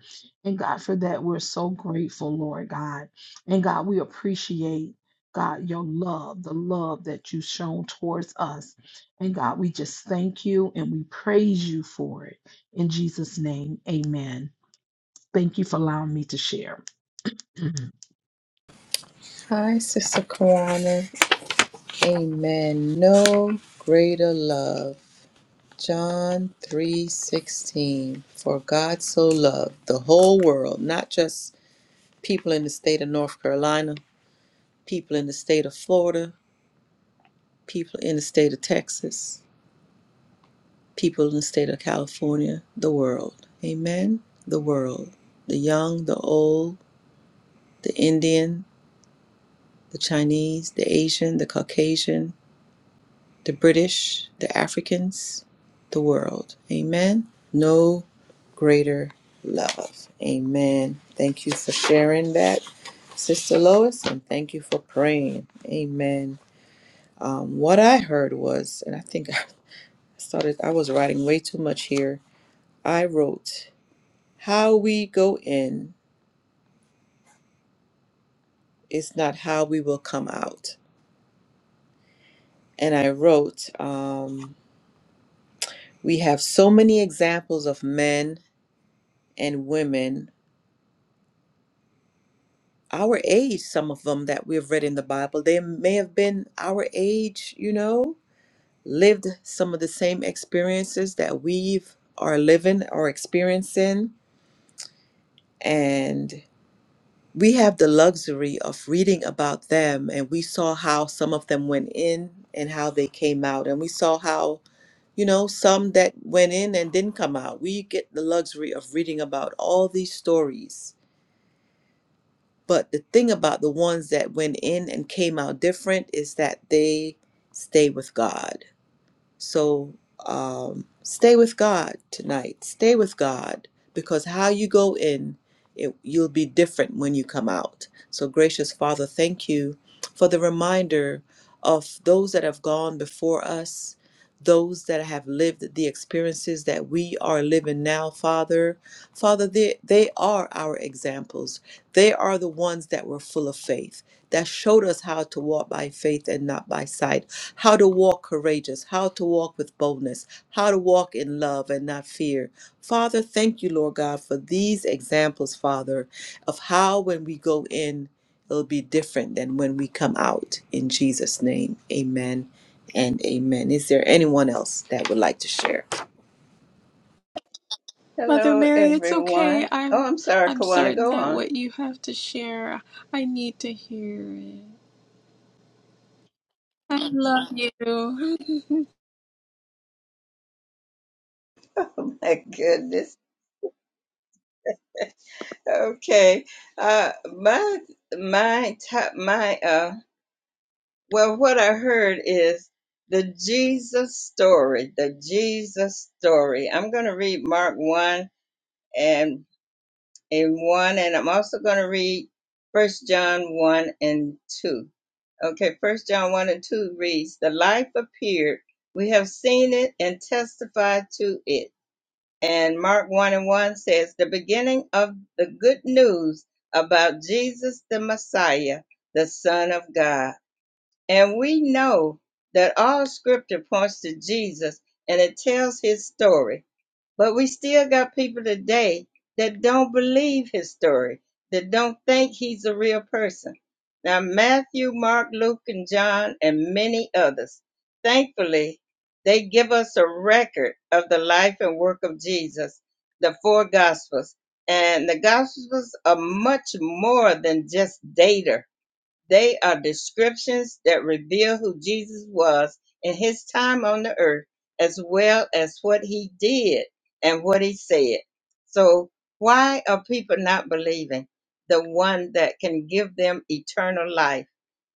[SPEAKER 4] And God, for that, we're so grateful, Lord God. And God, we appreciate. God, your love, the love that you've shown towards us. And God, we just thank you and we praise you for it. In Jesus' name, amen. Thank you for allowing me to share.
[SPEAKER 1] Hi, Sister Kawana. Amen. No greater love. John 3:16. For God so loved the whole world, not just people in the state of North Carolina, people in the state of Florida, people in the state of Texas, people in the state of California, the world. Amen. The world. The young, the old, the Indian, the Chinese, the Asian, the Caucasian, the British, the Africans, the world. Amen. No greater love. Amen. Thank you for sharing that, Sister Lois, and thank you for praying. Amen. Um, what I heard was, and I think I started, I was writing way too much here. I wrote, How we go in is not how we will come out. And I wrote, um, We have so many examples of men and women our age, some of them that we've read in the Bible, they may have been our age, you know, lived some of the same experiences that we are living or experiencing. And we have the luxury of reading about them. And we saw how some of them went in and how they came out. And we saw how, you know, some that went in and didn't come out. We get the luxury of reading about all these stories But the thing about the ones that went in and came out different is that they stay with God. So um, stay with God tonight. Stay with God because how you go in, it, you'll be different when you come out. So, gracious Father, thank you for the reminder of those that have gone before us, those that have lived the experiences that we are living now, Father. Father, they, they are our examples. They are the ones that were full of faith, that showed us how to walk by faith and not by sight how to walk courageous, how to walk with boldness, how to walk in love and not fear. Father, thank you, Lord God, for these examples, Father, of how when we go in, it'll be different than when we come out. In Jesus' name, amen and amen. Is there anyone else that would like to share?
[SPEAKER 5] Mother Mary, it's okay.
[SPEAKER 3] everyone. Oh,
[SPEAKER 5] I'm
[SPEAKER 3] I'm sorry,
[SPEAKER 5] I'm
[SPEAKER 3] Kawana,
[SPEAKER 5] certain
[SPEAKER 3] go
[SPEAKER 5] that
[SPEAKER 3] on.
[SPEAKER 5] what you have to share, I need to hear it. I love you.
[SPEAKER 3] Oh my goodness. Okay. Uh, my my top my uh. Well, what I heard is the Jesus story. The Jesus story. I'm going to read Mark one and and one, and I'm also going to read First John one and two. Okay, First John one and two reads, "The life appeared. We have seen it and testified to it." And Mark 1 and 1 says, The beginning of the good news about Jesus the Messiah, the Son of God. And we know that all scripture points to Jesus and it tells his story but we still got people today that don't believe his story, that don't think he's a real person. Now, Matthew, Mark, Luke, and John, and many others, thankfully, they give us a record of the life and work of Jesus, the four Gospels. And the Gospels are much more than just data they are descriptions that reveal who Jesus was in his time on the earth, as well as what he did and what he said. So, why are people not believing the one that can give them eternal life?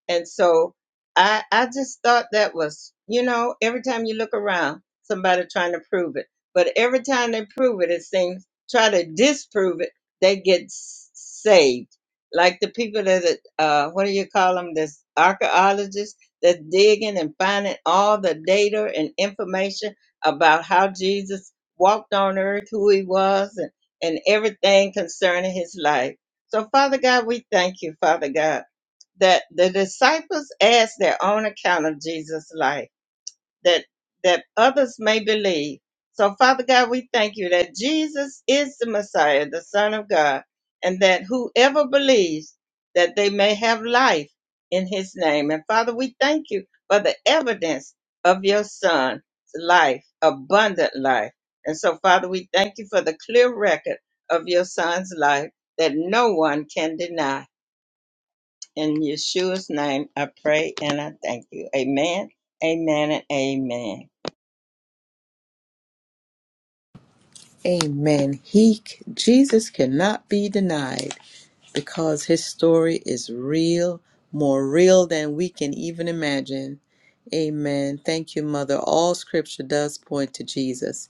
[SPEAKER 3] And so I I just thought that was, you know, every time you look around, somebody trying to prove it. But every time they prove it, it seems try to disprove it, they get s- saved. Like the people that uh what do you call them? This archaeologists that's digging and finding all the data and information about how Jesus walked on earth, who he was, and, and everything concerning his life. So Father God, we thank you, Father God that the disciples asked their own account of Jesus' life, that that others may believe. So, Father God, we thank you that Jesus is the Messiah, the Son of God, and that whoever believes that they may have life in his name. And Father, we thank you for the evidence of your Son's life, abundant life. And so, Father, we thank you for the clear record of your Son's life that no one can deny. In Yeshua's name, I pray and I thank you. Amen, amen, and amen.
[SPEAKER 1] Amen. He, Jesus cannot be denied. because his story is real, more real than we can even imagine. Amen. Thank you, Mother. All scripture does point to Jesus,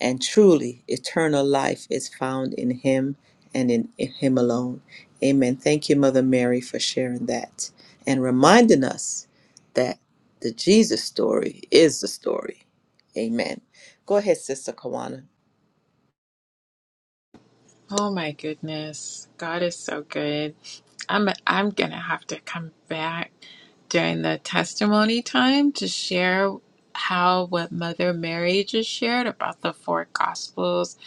[SPEAKER 1] and truly, eternal life is found in him and in, in him alone. Amen. Thank you, Mother Mary, for sharing that and reminding us that the Jesus story is the story. Amen. Go ahead, Sister Kawana.
[SPEAKER 5] Oh my goodness. God is so good. I'm I'm going to have to come back during the testimony time to share how what Mother Mary just shared about the four gospels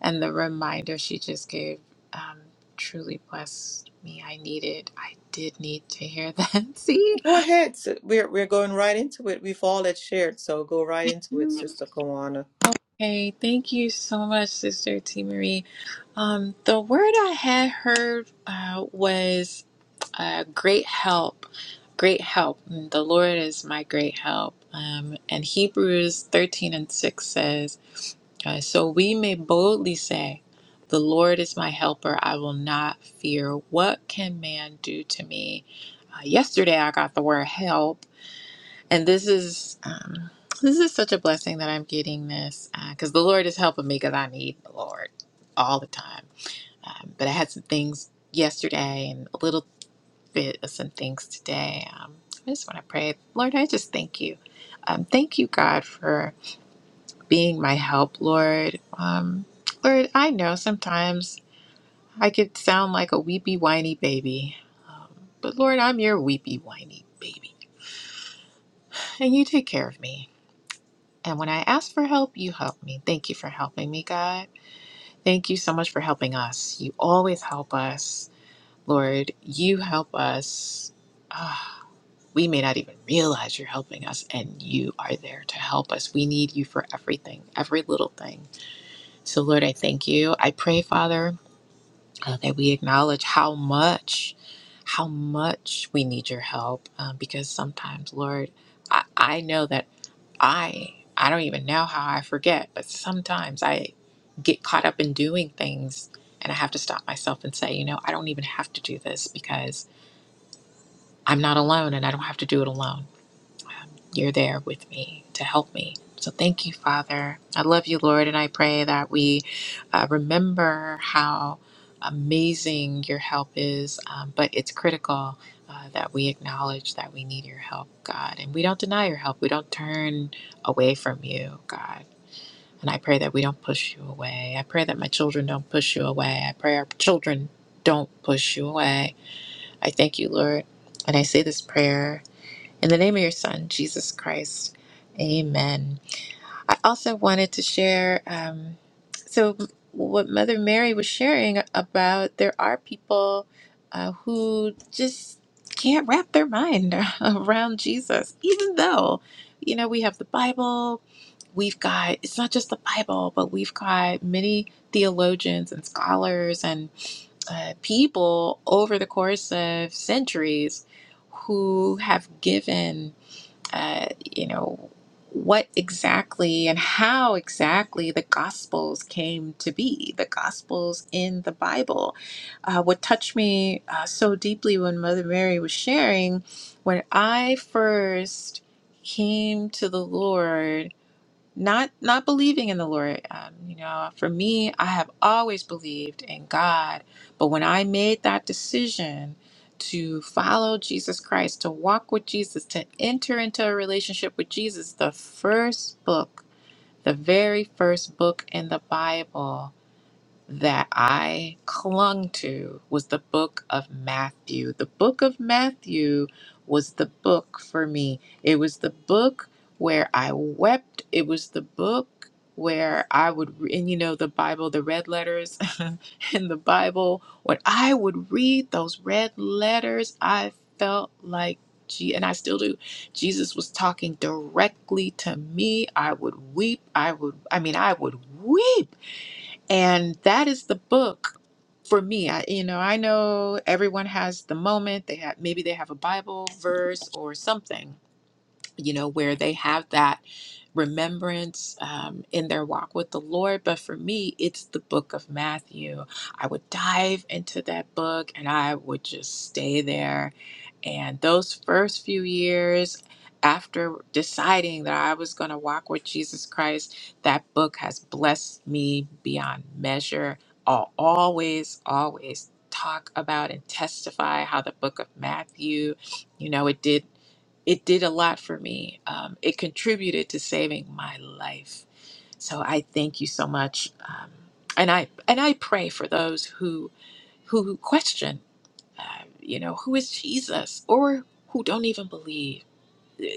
[SPEAKER 5] and the reminder she just gave um, truly blessed me. I needed, I did need to hear that. See?
[SPEAKER 1] Go ahead. So We're we're going right into it. We've all had shared, so go right into it, Sister Kawana.
[SPEAKER 5] Okay, thank you so much, Sister T. Marie. Um, the word I had heard uh, was uh, great help. Great help. And The Lord is my great help. Um, and Hebrews 13 and 6 says, uh, So we may boldly say, The Lord is my helper. I will not fear. What can man do to me? Uh, yesterday I got the word help and this is um, this is such a blessing that I'm getting this because the Lord is helping me because I need the Lord all the time. Um, but I had some things yesterday and a little bit of some things today. Um, I just want to pray, Lord. I just thank you. Um, thank you, God, for being my help, Lord. Um, Lord, I know sometimes I could sound like a weepy, whiny baby, um, but Lord, I'm your weepy, whiny baby, and you take care of me. And when I ask for help, you help me. Thank you for helping me, God. Thank you so much for helping us. You always help us, Lord. You help us. Ah, we may not even realize you're helping us, and you are there to help us. We need you for everything, every little thing. So, Lord, I thank you. I pray, Father, uh, that we acknowledge how much, how much we need your help, um, because sometimes, Lord, I, I know that. I I don't even know how I forget, but sometimes I get caught up in doing things and I have to stop myself and say, you know, I don't even have to do this because I'm not alone and I don't have to do it alone you're there with me to help me. So thank you, Father. I love you, Lord, and I pray that we uh, remember how amazing your help is, um, but it's critical. Uh, that we acknowledge that we need your help, God, and we don't deny your help. We don't turn away from you, God. And I pray that we don't push you away. I pray that my children don't push you away. I pray our children don't push you away. I thank you, Lord. And I say this prayer in the name of your Son, Jesus Christ, amen. I also wanted to share um, so, what Mother Mary was sharing about there are people uh, who just can't wrap their mind around Jesus, even though, you know, we have the Bible, we've got, it's not just the Bible, but we've got many theologians and scholars and uh, people over the course of centuries who have given uh, you know, what exactly and how exactly the Gospels came to be, the Gospels in the Bible. Uh, what touched me uh, so deeply when Mother Mary was sharing, when I first came to the Lord not not believing in the lord um, you know for me i have always believed in god but when i made that decision to follow jesus christ to walk with jesus to enter into a relationship with jesus the first book the very first book in the bible that I clung to was the book of Matthew. The book of Matthew was the book for me. It was the book where I wept. It was the book where I would, re- and you know, the Bible, the red letters in the Bible, when I would read those red letters, I felt like, gee, and I still do. Jesus was talking directly to me. I would weep. I would, I mean, I would weep and that is the book for me. I, you know, I know everyone has the moment they have maybe they have a Bible verse or something you know, where they have that remembrance um, in their walk with the Lord. But for me, it's the book of Matthew. I would dive into that book and I would just stay there. And those first few years, after deciding that I was going to walk with Jesus Christ, that book has blessed me beyond measure. I'll always, always talk about and testify how the book of Matthew, you know, it did it did a lot for me. Um, it contributed to saving my life. So I thank you so much, um, and I and I pray for those who who question, uh, you know, who is Jesus or who don't even believe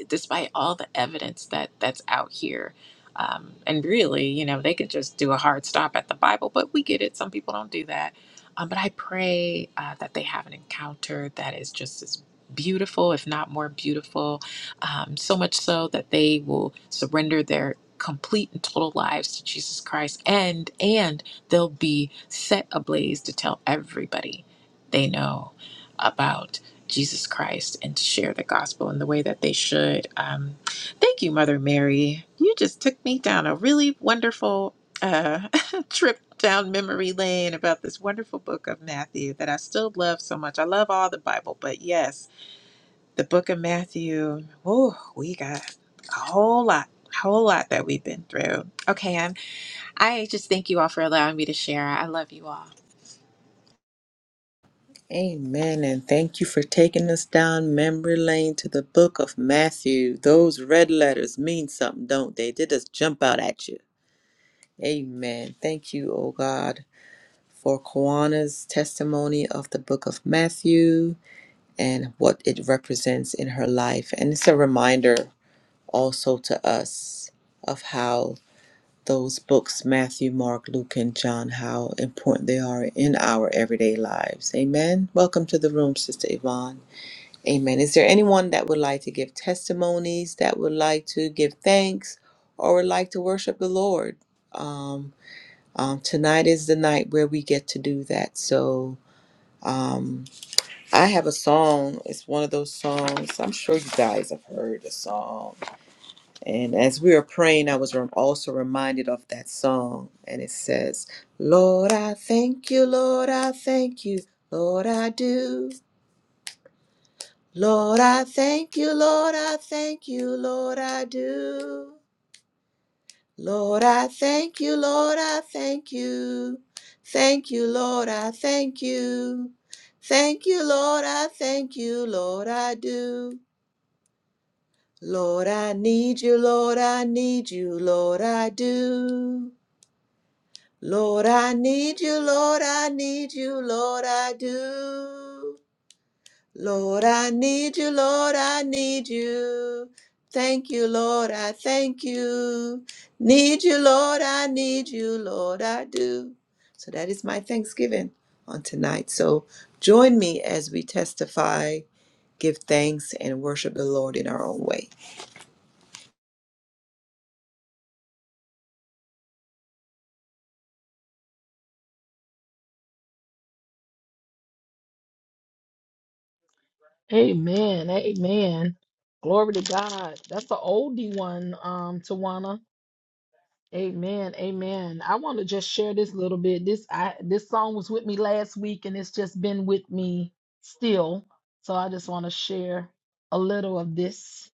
[SPEAKER 5] despite all the evidence that that's out here um, and really you know they could just do a hard stop at the bible but we get it some people don't do that um, but i pray uh, that they have an encounter that is just as beautiful if not more beautiful um, so much so that they will surrender their complete and total lives to jesus christ and and they'll be set ablaze to tell everybody they know about Jesus Christ and to share the gospel in the way that they should. Um, thank you, Mother Mary. You just took me down a really wonderful uh, trip down memory lane about this wonderful book of Matthew that I still love so much. I love all the Bible, but yes, the book of Matthew, oh, we got a whole lot. Whole lot that we've been through. Okay, and I just thank you all for allowing me to share. I love you all.
[SPEAKER 1] Amen. And thank you for taking us down memory lane to the book of Matthew. Those red letters mean something, don't they? They just jump out at you. Amen. Thank you, oh God, for Kawana's testimony of the book of Matthew and what it represents in her life. And it's a reminder also to us of how those books Matthew, Mark, Luke, and John, how important they are in our everyday lives. Amen. Welcome to the room, Sister Yvonne. Amen. Is there anyone that would like to give testimonies, that would like to give thanks, or would like to worship the Lord? Um, um, tonight is the night where we get to do that. So um, I have a song. It's one of those songs. I'm sure you guys have heard the song. And as we were praying, I was rem- also reminded of that song. And it says, Lord, I thank you, Lord, I thank you, Lord, I do. Lord, I thank you, Lord, I thank you, Lord, I do. Lord, I thank you, Lord, I thank you. Thank you, Lord, I thank you. Thank you, Lord, I thank you, Lord, I do. Lord, I need you, Lord, I need you, Lord, I do. Lord, I need you, Lord, I need you, Lord, I do. Lord, I need you, Lord, I need you. Thank you, Lord, I thank you. Need you, Lord, I need you, Lord, I do. So that is my thanksgiving on tonight. So join me as we testify, give thanks, and worship the Lord in our own way.
[SPEAKER 4] Amen. Amen. Glory to God. That's the oldie one, um, Tawana. Amen. Amen. I want to just share this little bit. This I this song was with me last week and it's just been with me still. So I just want to share a little of this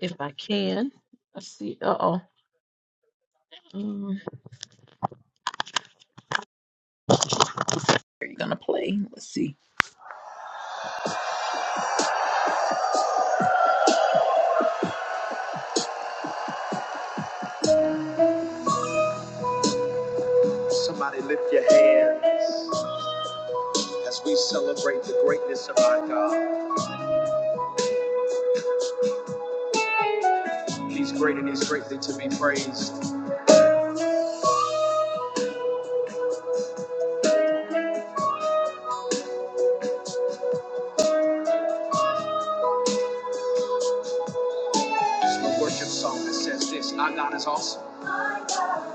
[SPEAKER 4] if I can. Let's see. Uh-oh. Um, Somebody lift your hands as we celebrate the greatness of our God. He's great and he's greatly to be praised. There's a worship song that says this. Our awesome. God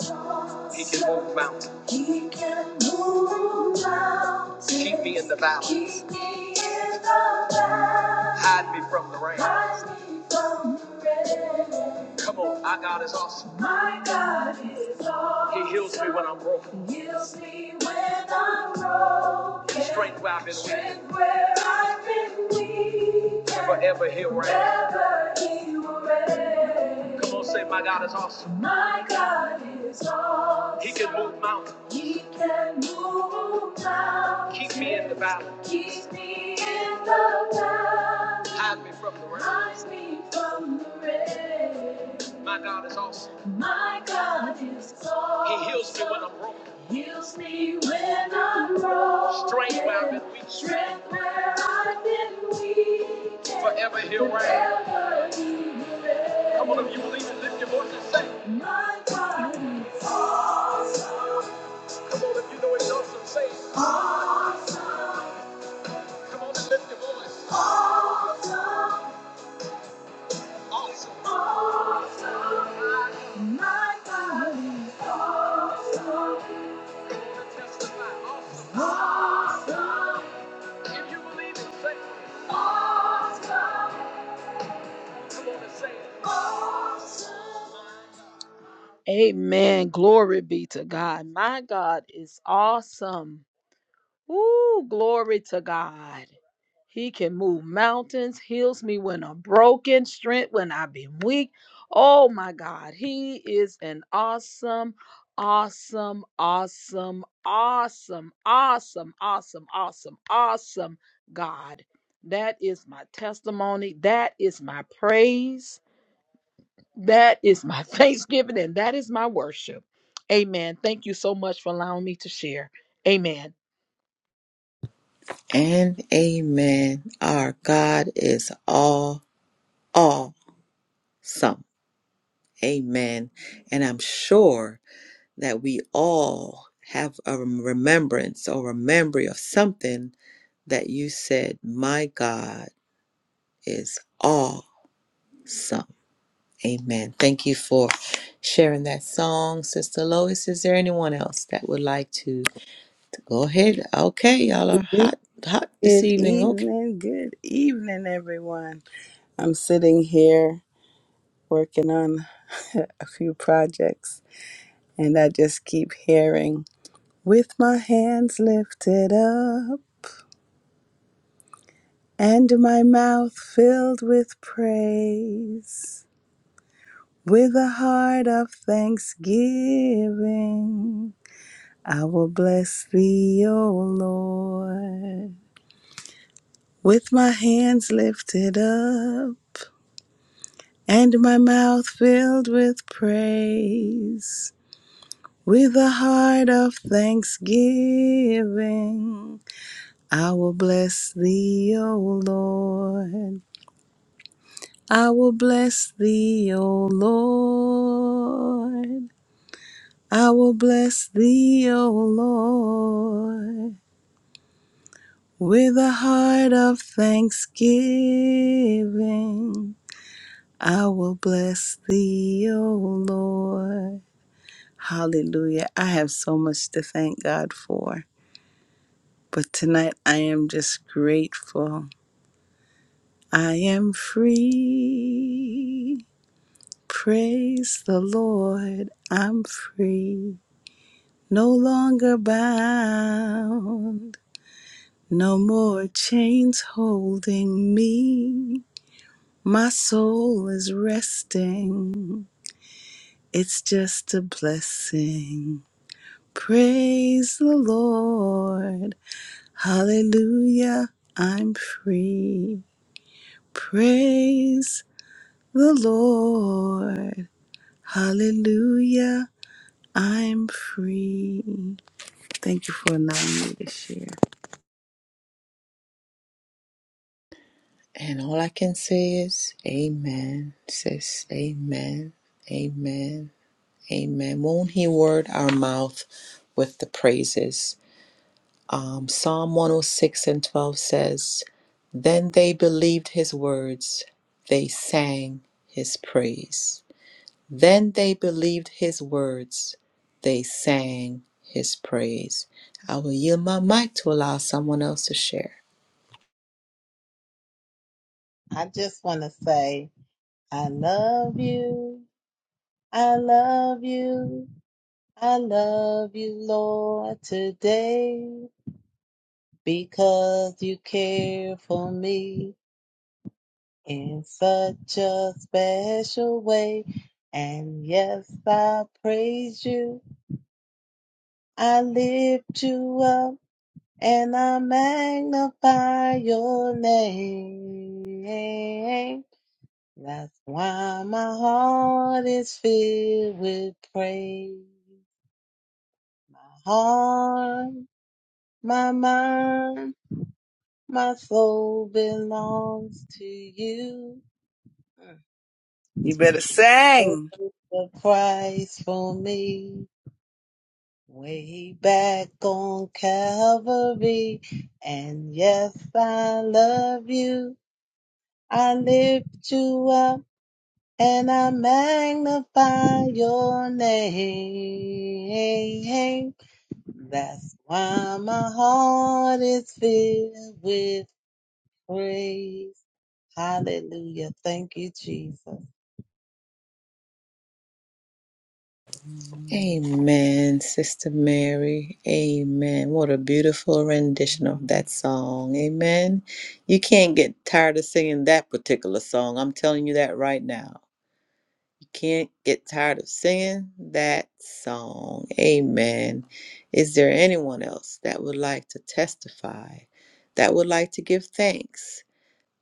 [SPEAKER 4] is awesome. He can move mountains. He can move mountains. Keep me in the valley. Keep me in the valley. Hide me from the rain. Hide me from the rain. Come on, our God is awesome. My God is awesome. He heals me when I'm broken. He Heals me when I'm broken. Strength where I've been Strength weak. where I've been weak. Forever He reigns. Forever He will reign. Come on, say, My God is awesome. My God is awesome. He can move mountains. He can move mountains. Keep me in the valley. Keep me in the valley. Hide me from the rain. Hide me from the rain. My God is awesome. My God is awesome. He heals me when I'm broken. Heals me when I'm broken. Strength where I've been weak. Strength where I've been weak. Forever he'll reign. Forever he will reign. Come on, if you believe it, lift your voice and say, My God is awesome. Come on, you know it, awesome, say it. Come on and lift your voice. Awesome. Awesome. Awesome. My God is awesome. Come on and Testify, awesome. Awesome. If you believe it, say it. Awesome. Come on and say it. Amen. Glory be to God. My God is awesome. Ooh, glory to God. He can move mountains, heals me when I'm broken, strength when I've been weak. Oh my God, he is an awesome, awesome, awesome, awesome, awesome, awesome, awesome, awesome God. That is my testimony. That is my praise. That is my thanksgiving, and that is my worship. Amen. Thank you so much for allowing me to share. Amen.
[SPEAKER 1] And amen. Our God is all awesome. Amen. And I'm sure that we all have a rem- remembrance or a memory of something that you said, My God is awesome. Amen. Thank you for sharing that song, Sister Lois. Is there anyone else that would like to, to go ahead? Okay, y'all are
[SPEAKER 6] Good
[SPEAKER 1] hot, hot this evening. Okay.
[SPEAKER 6] evening, good evening, everyone. I'm sitting here working on a few projects, and I just keep hearing, with my hands lifted up and my mouth filled with praise, with a heart of thanksgiving, I will bless thee, O Lord. With my hands lifted up and my mouth filled with praise. With a heart of thanksgiving, I will bless thee, O Lord. I will bless thee, O Lord. I will bless thee, O Lord. With a heart of thanksgiving, I will bless thee, O Lord. Hallelujah. I have so much to thank God for. But tonight I am just grateful. I am free. Praise the Lord. I'm free. No longer bound. No more chains holding me. My soul is resting. It's just a blessing. Praise the Lord. Hallelujah, I'm free. Praise the Lord. Hallelujah, I'm free. Thank you for allowing me to share.
[SPEAKER 1] And all I can say is, Amen, sis. Amen. Amen. Amen. Won't He word our mouth with the praises? Um, Psalm 106 and 12 says, Then they believed His words, they sang His praise. Then they believed His words, they sang His praise. I will yield my mic to allow someone else to share.
[SPEAKER 2] I just want to say, I love you. I love you. I love you, Lord, today because you care for me in such a special way. And yes, I praise you. I lift you up and I magnify your name. That's why my heart is filled with praise. My Heart My mind, my soul belongs to you.
[SPEAKER 6] You better
[SPEAKER 2] Took
[SPEAKER 6] sing.
[SPEAKER 2] The price for me way back on Calvary. And yes, I love you. I lift you up and I magnify your name. That's why my heart is filled with praise. Hallelujah. Thank you, Jesus.
[SPEAKER 1] Amen, Sister Mary. Amen. What a beautiful rendition of that song. Amen. You can't get tired of singing that particular song. I'm telling you that right now. You can't get tired of singing that song. Amen. Is there anyone else that would like to testify, that would like to give thanks?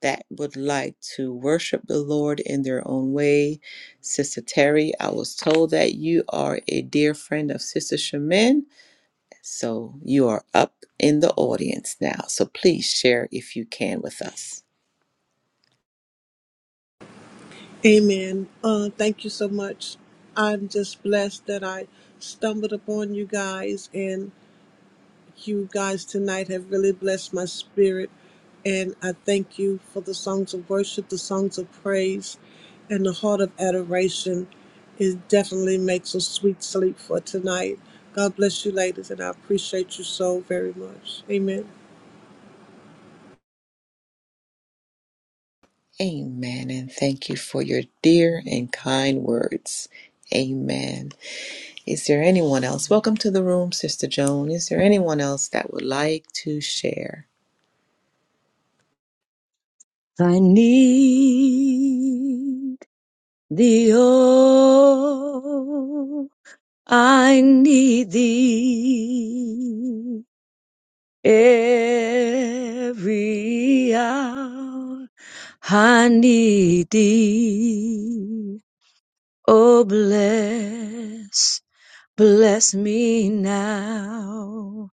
[SPEAKER 1] that would like to worship the Lord in their own way. Sister Terry, I was told that you are a dear friend of Sister Shamin. So you are up in the audience now. So please share if you can with us.
[SPEAKER 7] Amen. Uh, thank you so much. I'm just blessed that I stumbled upon you guys, and you guys tonight have really blessed my spirit. And I thank you for the songs of worship, the songs of praise, and the heart of adoration. It definitely makes a sweet sleep for tonight. God bless you, ladies, and I appreciate you so very much. Amen.
[SPEAKER 1] Amen. And thank you for your dear and kind words. Amen. Is there anyone else? Welcome to the room, Sister Joan. Is there anyone else that would like to share?
[SPEAKER 8] I need thee, oh, I need thee every hour. I need thee, oh, bless, bless me now,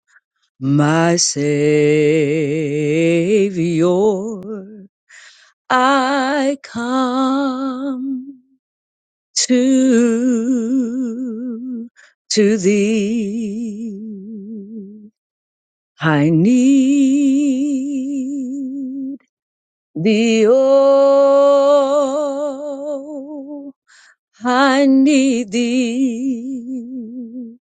[SPEAKER 8] my Savior. I come to to thee I need thee oh I need thee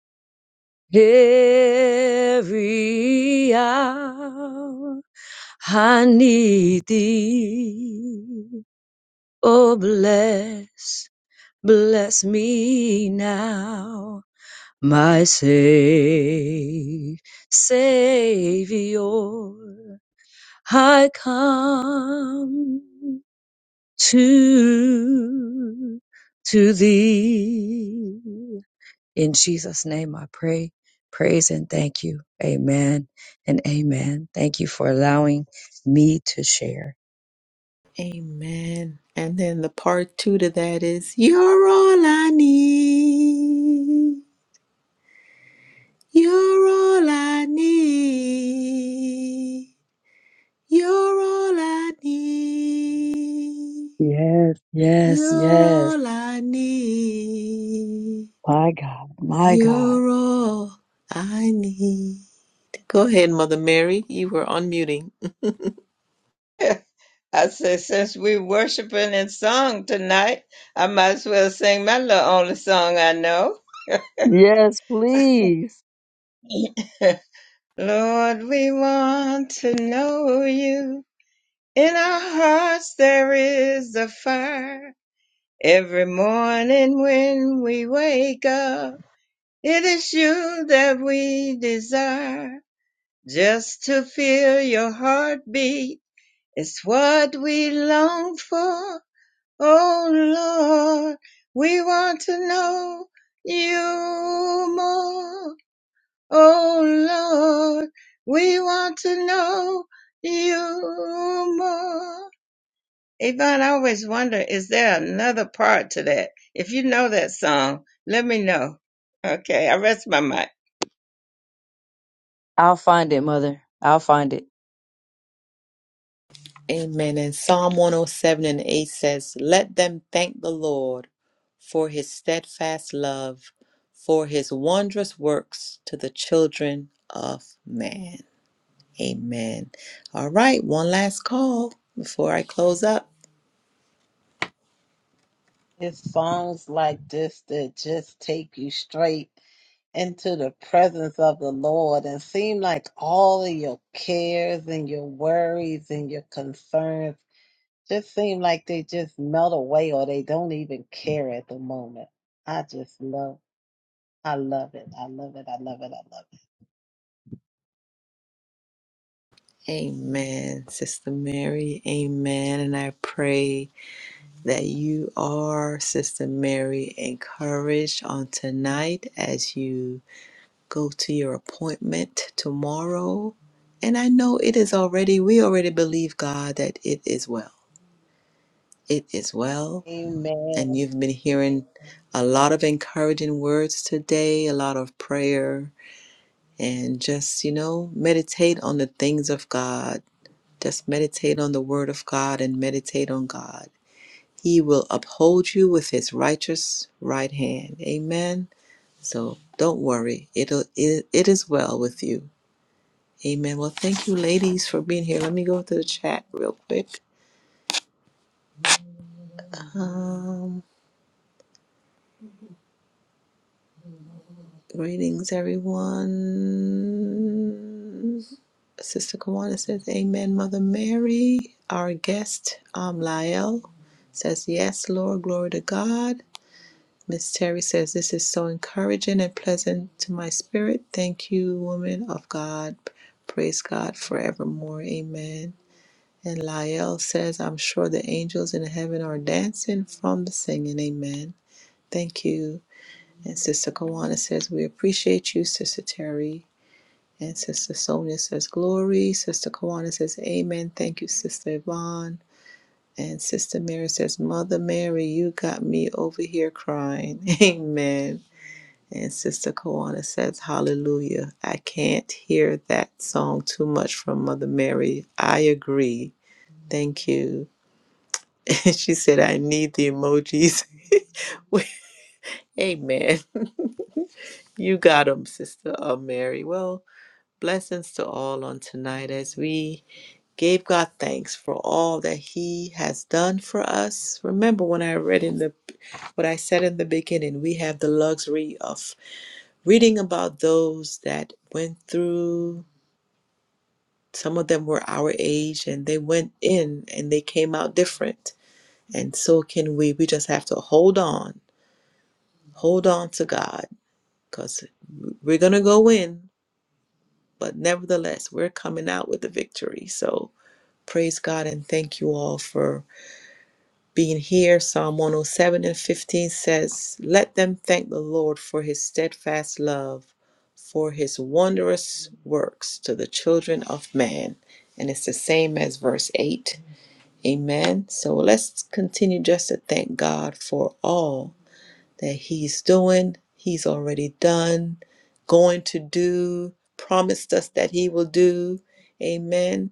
[SPEAKER 8] every hour I need thee oh bless bless me now my Savior, I come to, to thee. In Jesus' name I pray, praise and thank you. Amen and amen. Thank you for allowing me to share.
[SPEAKER 1] Amen. And then the part two to that is, You're all I need. You're all I need. You're all I need.
[SPEAKER 8] Yes, yes,
[SPEAKER 1] You're
[SPEAKER 8] yes.
[SPEAKER 1] all I need.
[SPEAKER 8] My God, my God.
[SPEAKER 1] You're all I need. Go ahead, Mother Mary. You were unmuting.
[SPEAKER 3] I said, since we're worshiping in song tonight, I might as well sing my little only song I know.
[SPEAKER 8] Yes, please.
[SPEAKER 3] Lord, we want to know you. In our hearts there is a fire. Every morning when we wake up, it is you that we desire. Just to feel your heartbeat It's what we long for, oh Lord. We want to know you more, oh Lord. We want to know you more. Yvonne, I always wonder, is there another part to that? If you know that song, let me know. Okay, I rest my mic.
[SPEAKER 8] I'll find it, mother. I'll find it.
[SPEAKER 1] Amen. And Psalm 107 and 8 says, Let them thank the Lord for his steadfast love, for his wondrous works to the children of man. Amen. All right, one last call before I close up.
[SPEAKER 2] It's songs like this that just take you straight into the presence of the Lord and seem like all of your cares and your worries and your concerns just seem like they just melt away or they don't even care at the moment. I just love I love it. I love it. I love it. I love it.
[SPEAKER 1] Amen, Sister Mary. Amen. And I pray that you are, Sister Mary, encouraged on tonight as you go to your appointment tomorrow. And I know it is already, we already believe, God, that it is well. It is well.
[SPEAKER 2] Amen.
[SPEAKER 1] And you've been hearing a lot of encouraging words today, a lot of prayer, and just, you know, meditate on the things of God. Just meditate on the word of God and meditate on God. He will uphold you with his righteous right hand. Amen. So don't worry. It'll, it, it is well with you Amen. Well, thank you, ladies, for being here. Let me go to the chat real quick. Um, greetings, everyone. Sister Kawana says, Amen, Mother Mary. Our guest, um, Lael, says, Yes, Lord, glory to God. Miss Terry says, This is so encouraging and pleasant to my spirit. Thank you, woman of God. Praise God forevermore. Amen. And Lael says, I'm sure the angels in heaven are dancing from the singing. Amen. Thank you. And Sister Kawana says, We appreciate you, Sister Terry. And Sister Sonia says, Glory. Sister Kawana says, Amen. Thank you, Sister Yvonne. And Sister Mary says, Mother Mary, you got me over here crying. Amen. And Sister Kawana says, Hallelujah. I can't hear that song too much from Mother Mary. I agree. Thank you. she said, I need the emojis. Amen. You got 'em, Sister uh, Mary. Well, blessings to all on tonight as we gave God thanks for all that He has done for us. Remember when I read in the what I said in the beginning, we have the luxury of reading about those that went through. Some of them were our age, and they went in and they came out different. And so can we. We just have to hold on, hold on to God because we're going to go in, but nevertheless, we're coming out with the victory. So praise God and thank you all for being here. Psalm 107 and 15 says, Let them thank the Lord for his steadfast love, for his wondrous works to the children of man. And it's the same as verse 8. Amen. So let's continue just to thank God for all that He's doing, He's already done, going to do, promised us that He will do. Amen.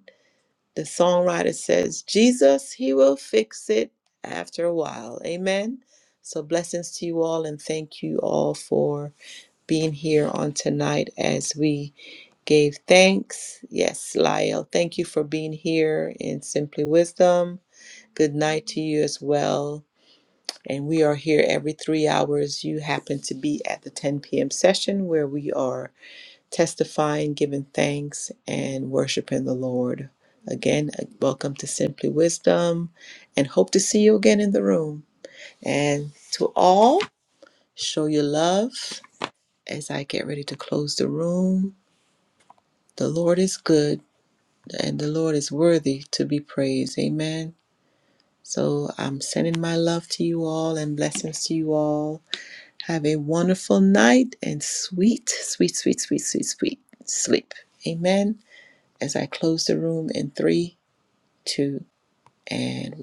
[SPEAKER 1] The songwriter says, Jesus, He will fix it after a while. Amen. So, blessings to you all, and thank you all for being here on tonight as we gave thanks. Yes, Lyle, thank you for being here in Simply Wisdom. Good night to you as well. And we are here every three hours. You happen to be at the 10 p.m. session where we are testifying, giving thanks, and worshiping the Lord. Again, uh, welcome to Simply Wisdom and hope to see you again in the room. And to all, show your love as I get ready to close the room. The Lord is good and the Lord is worthy to be praised. Amen. So I'm sending my love to you all and blessings to you all. Have a wonderful night and sweet, sweet, sweet, sweet, sweet, sweet sleep. Amen. As I close the room in three, two, and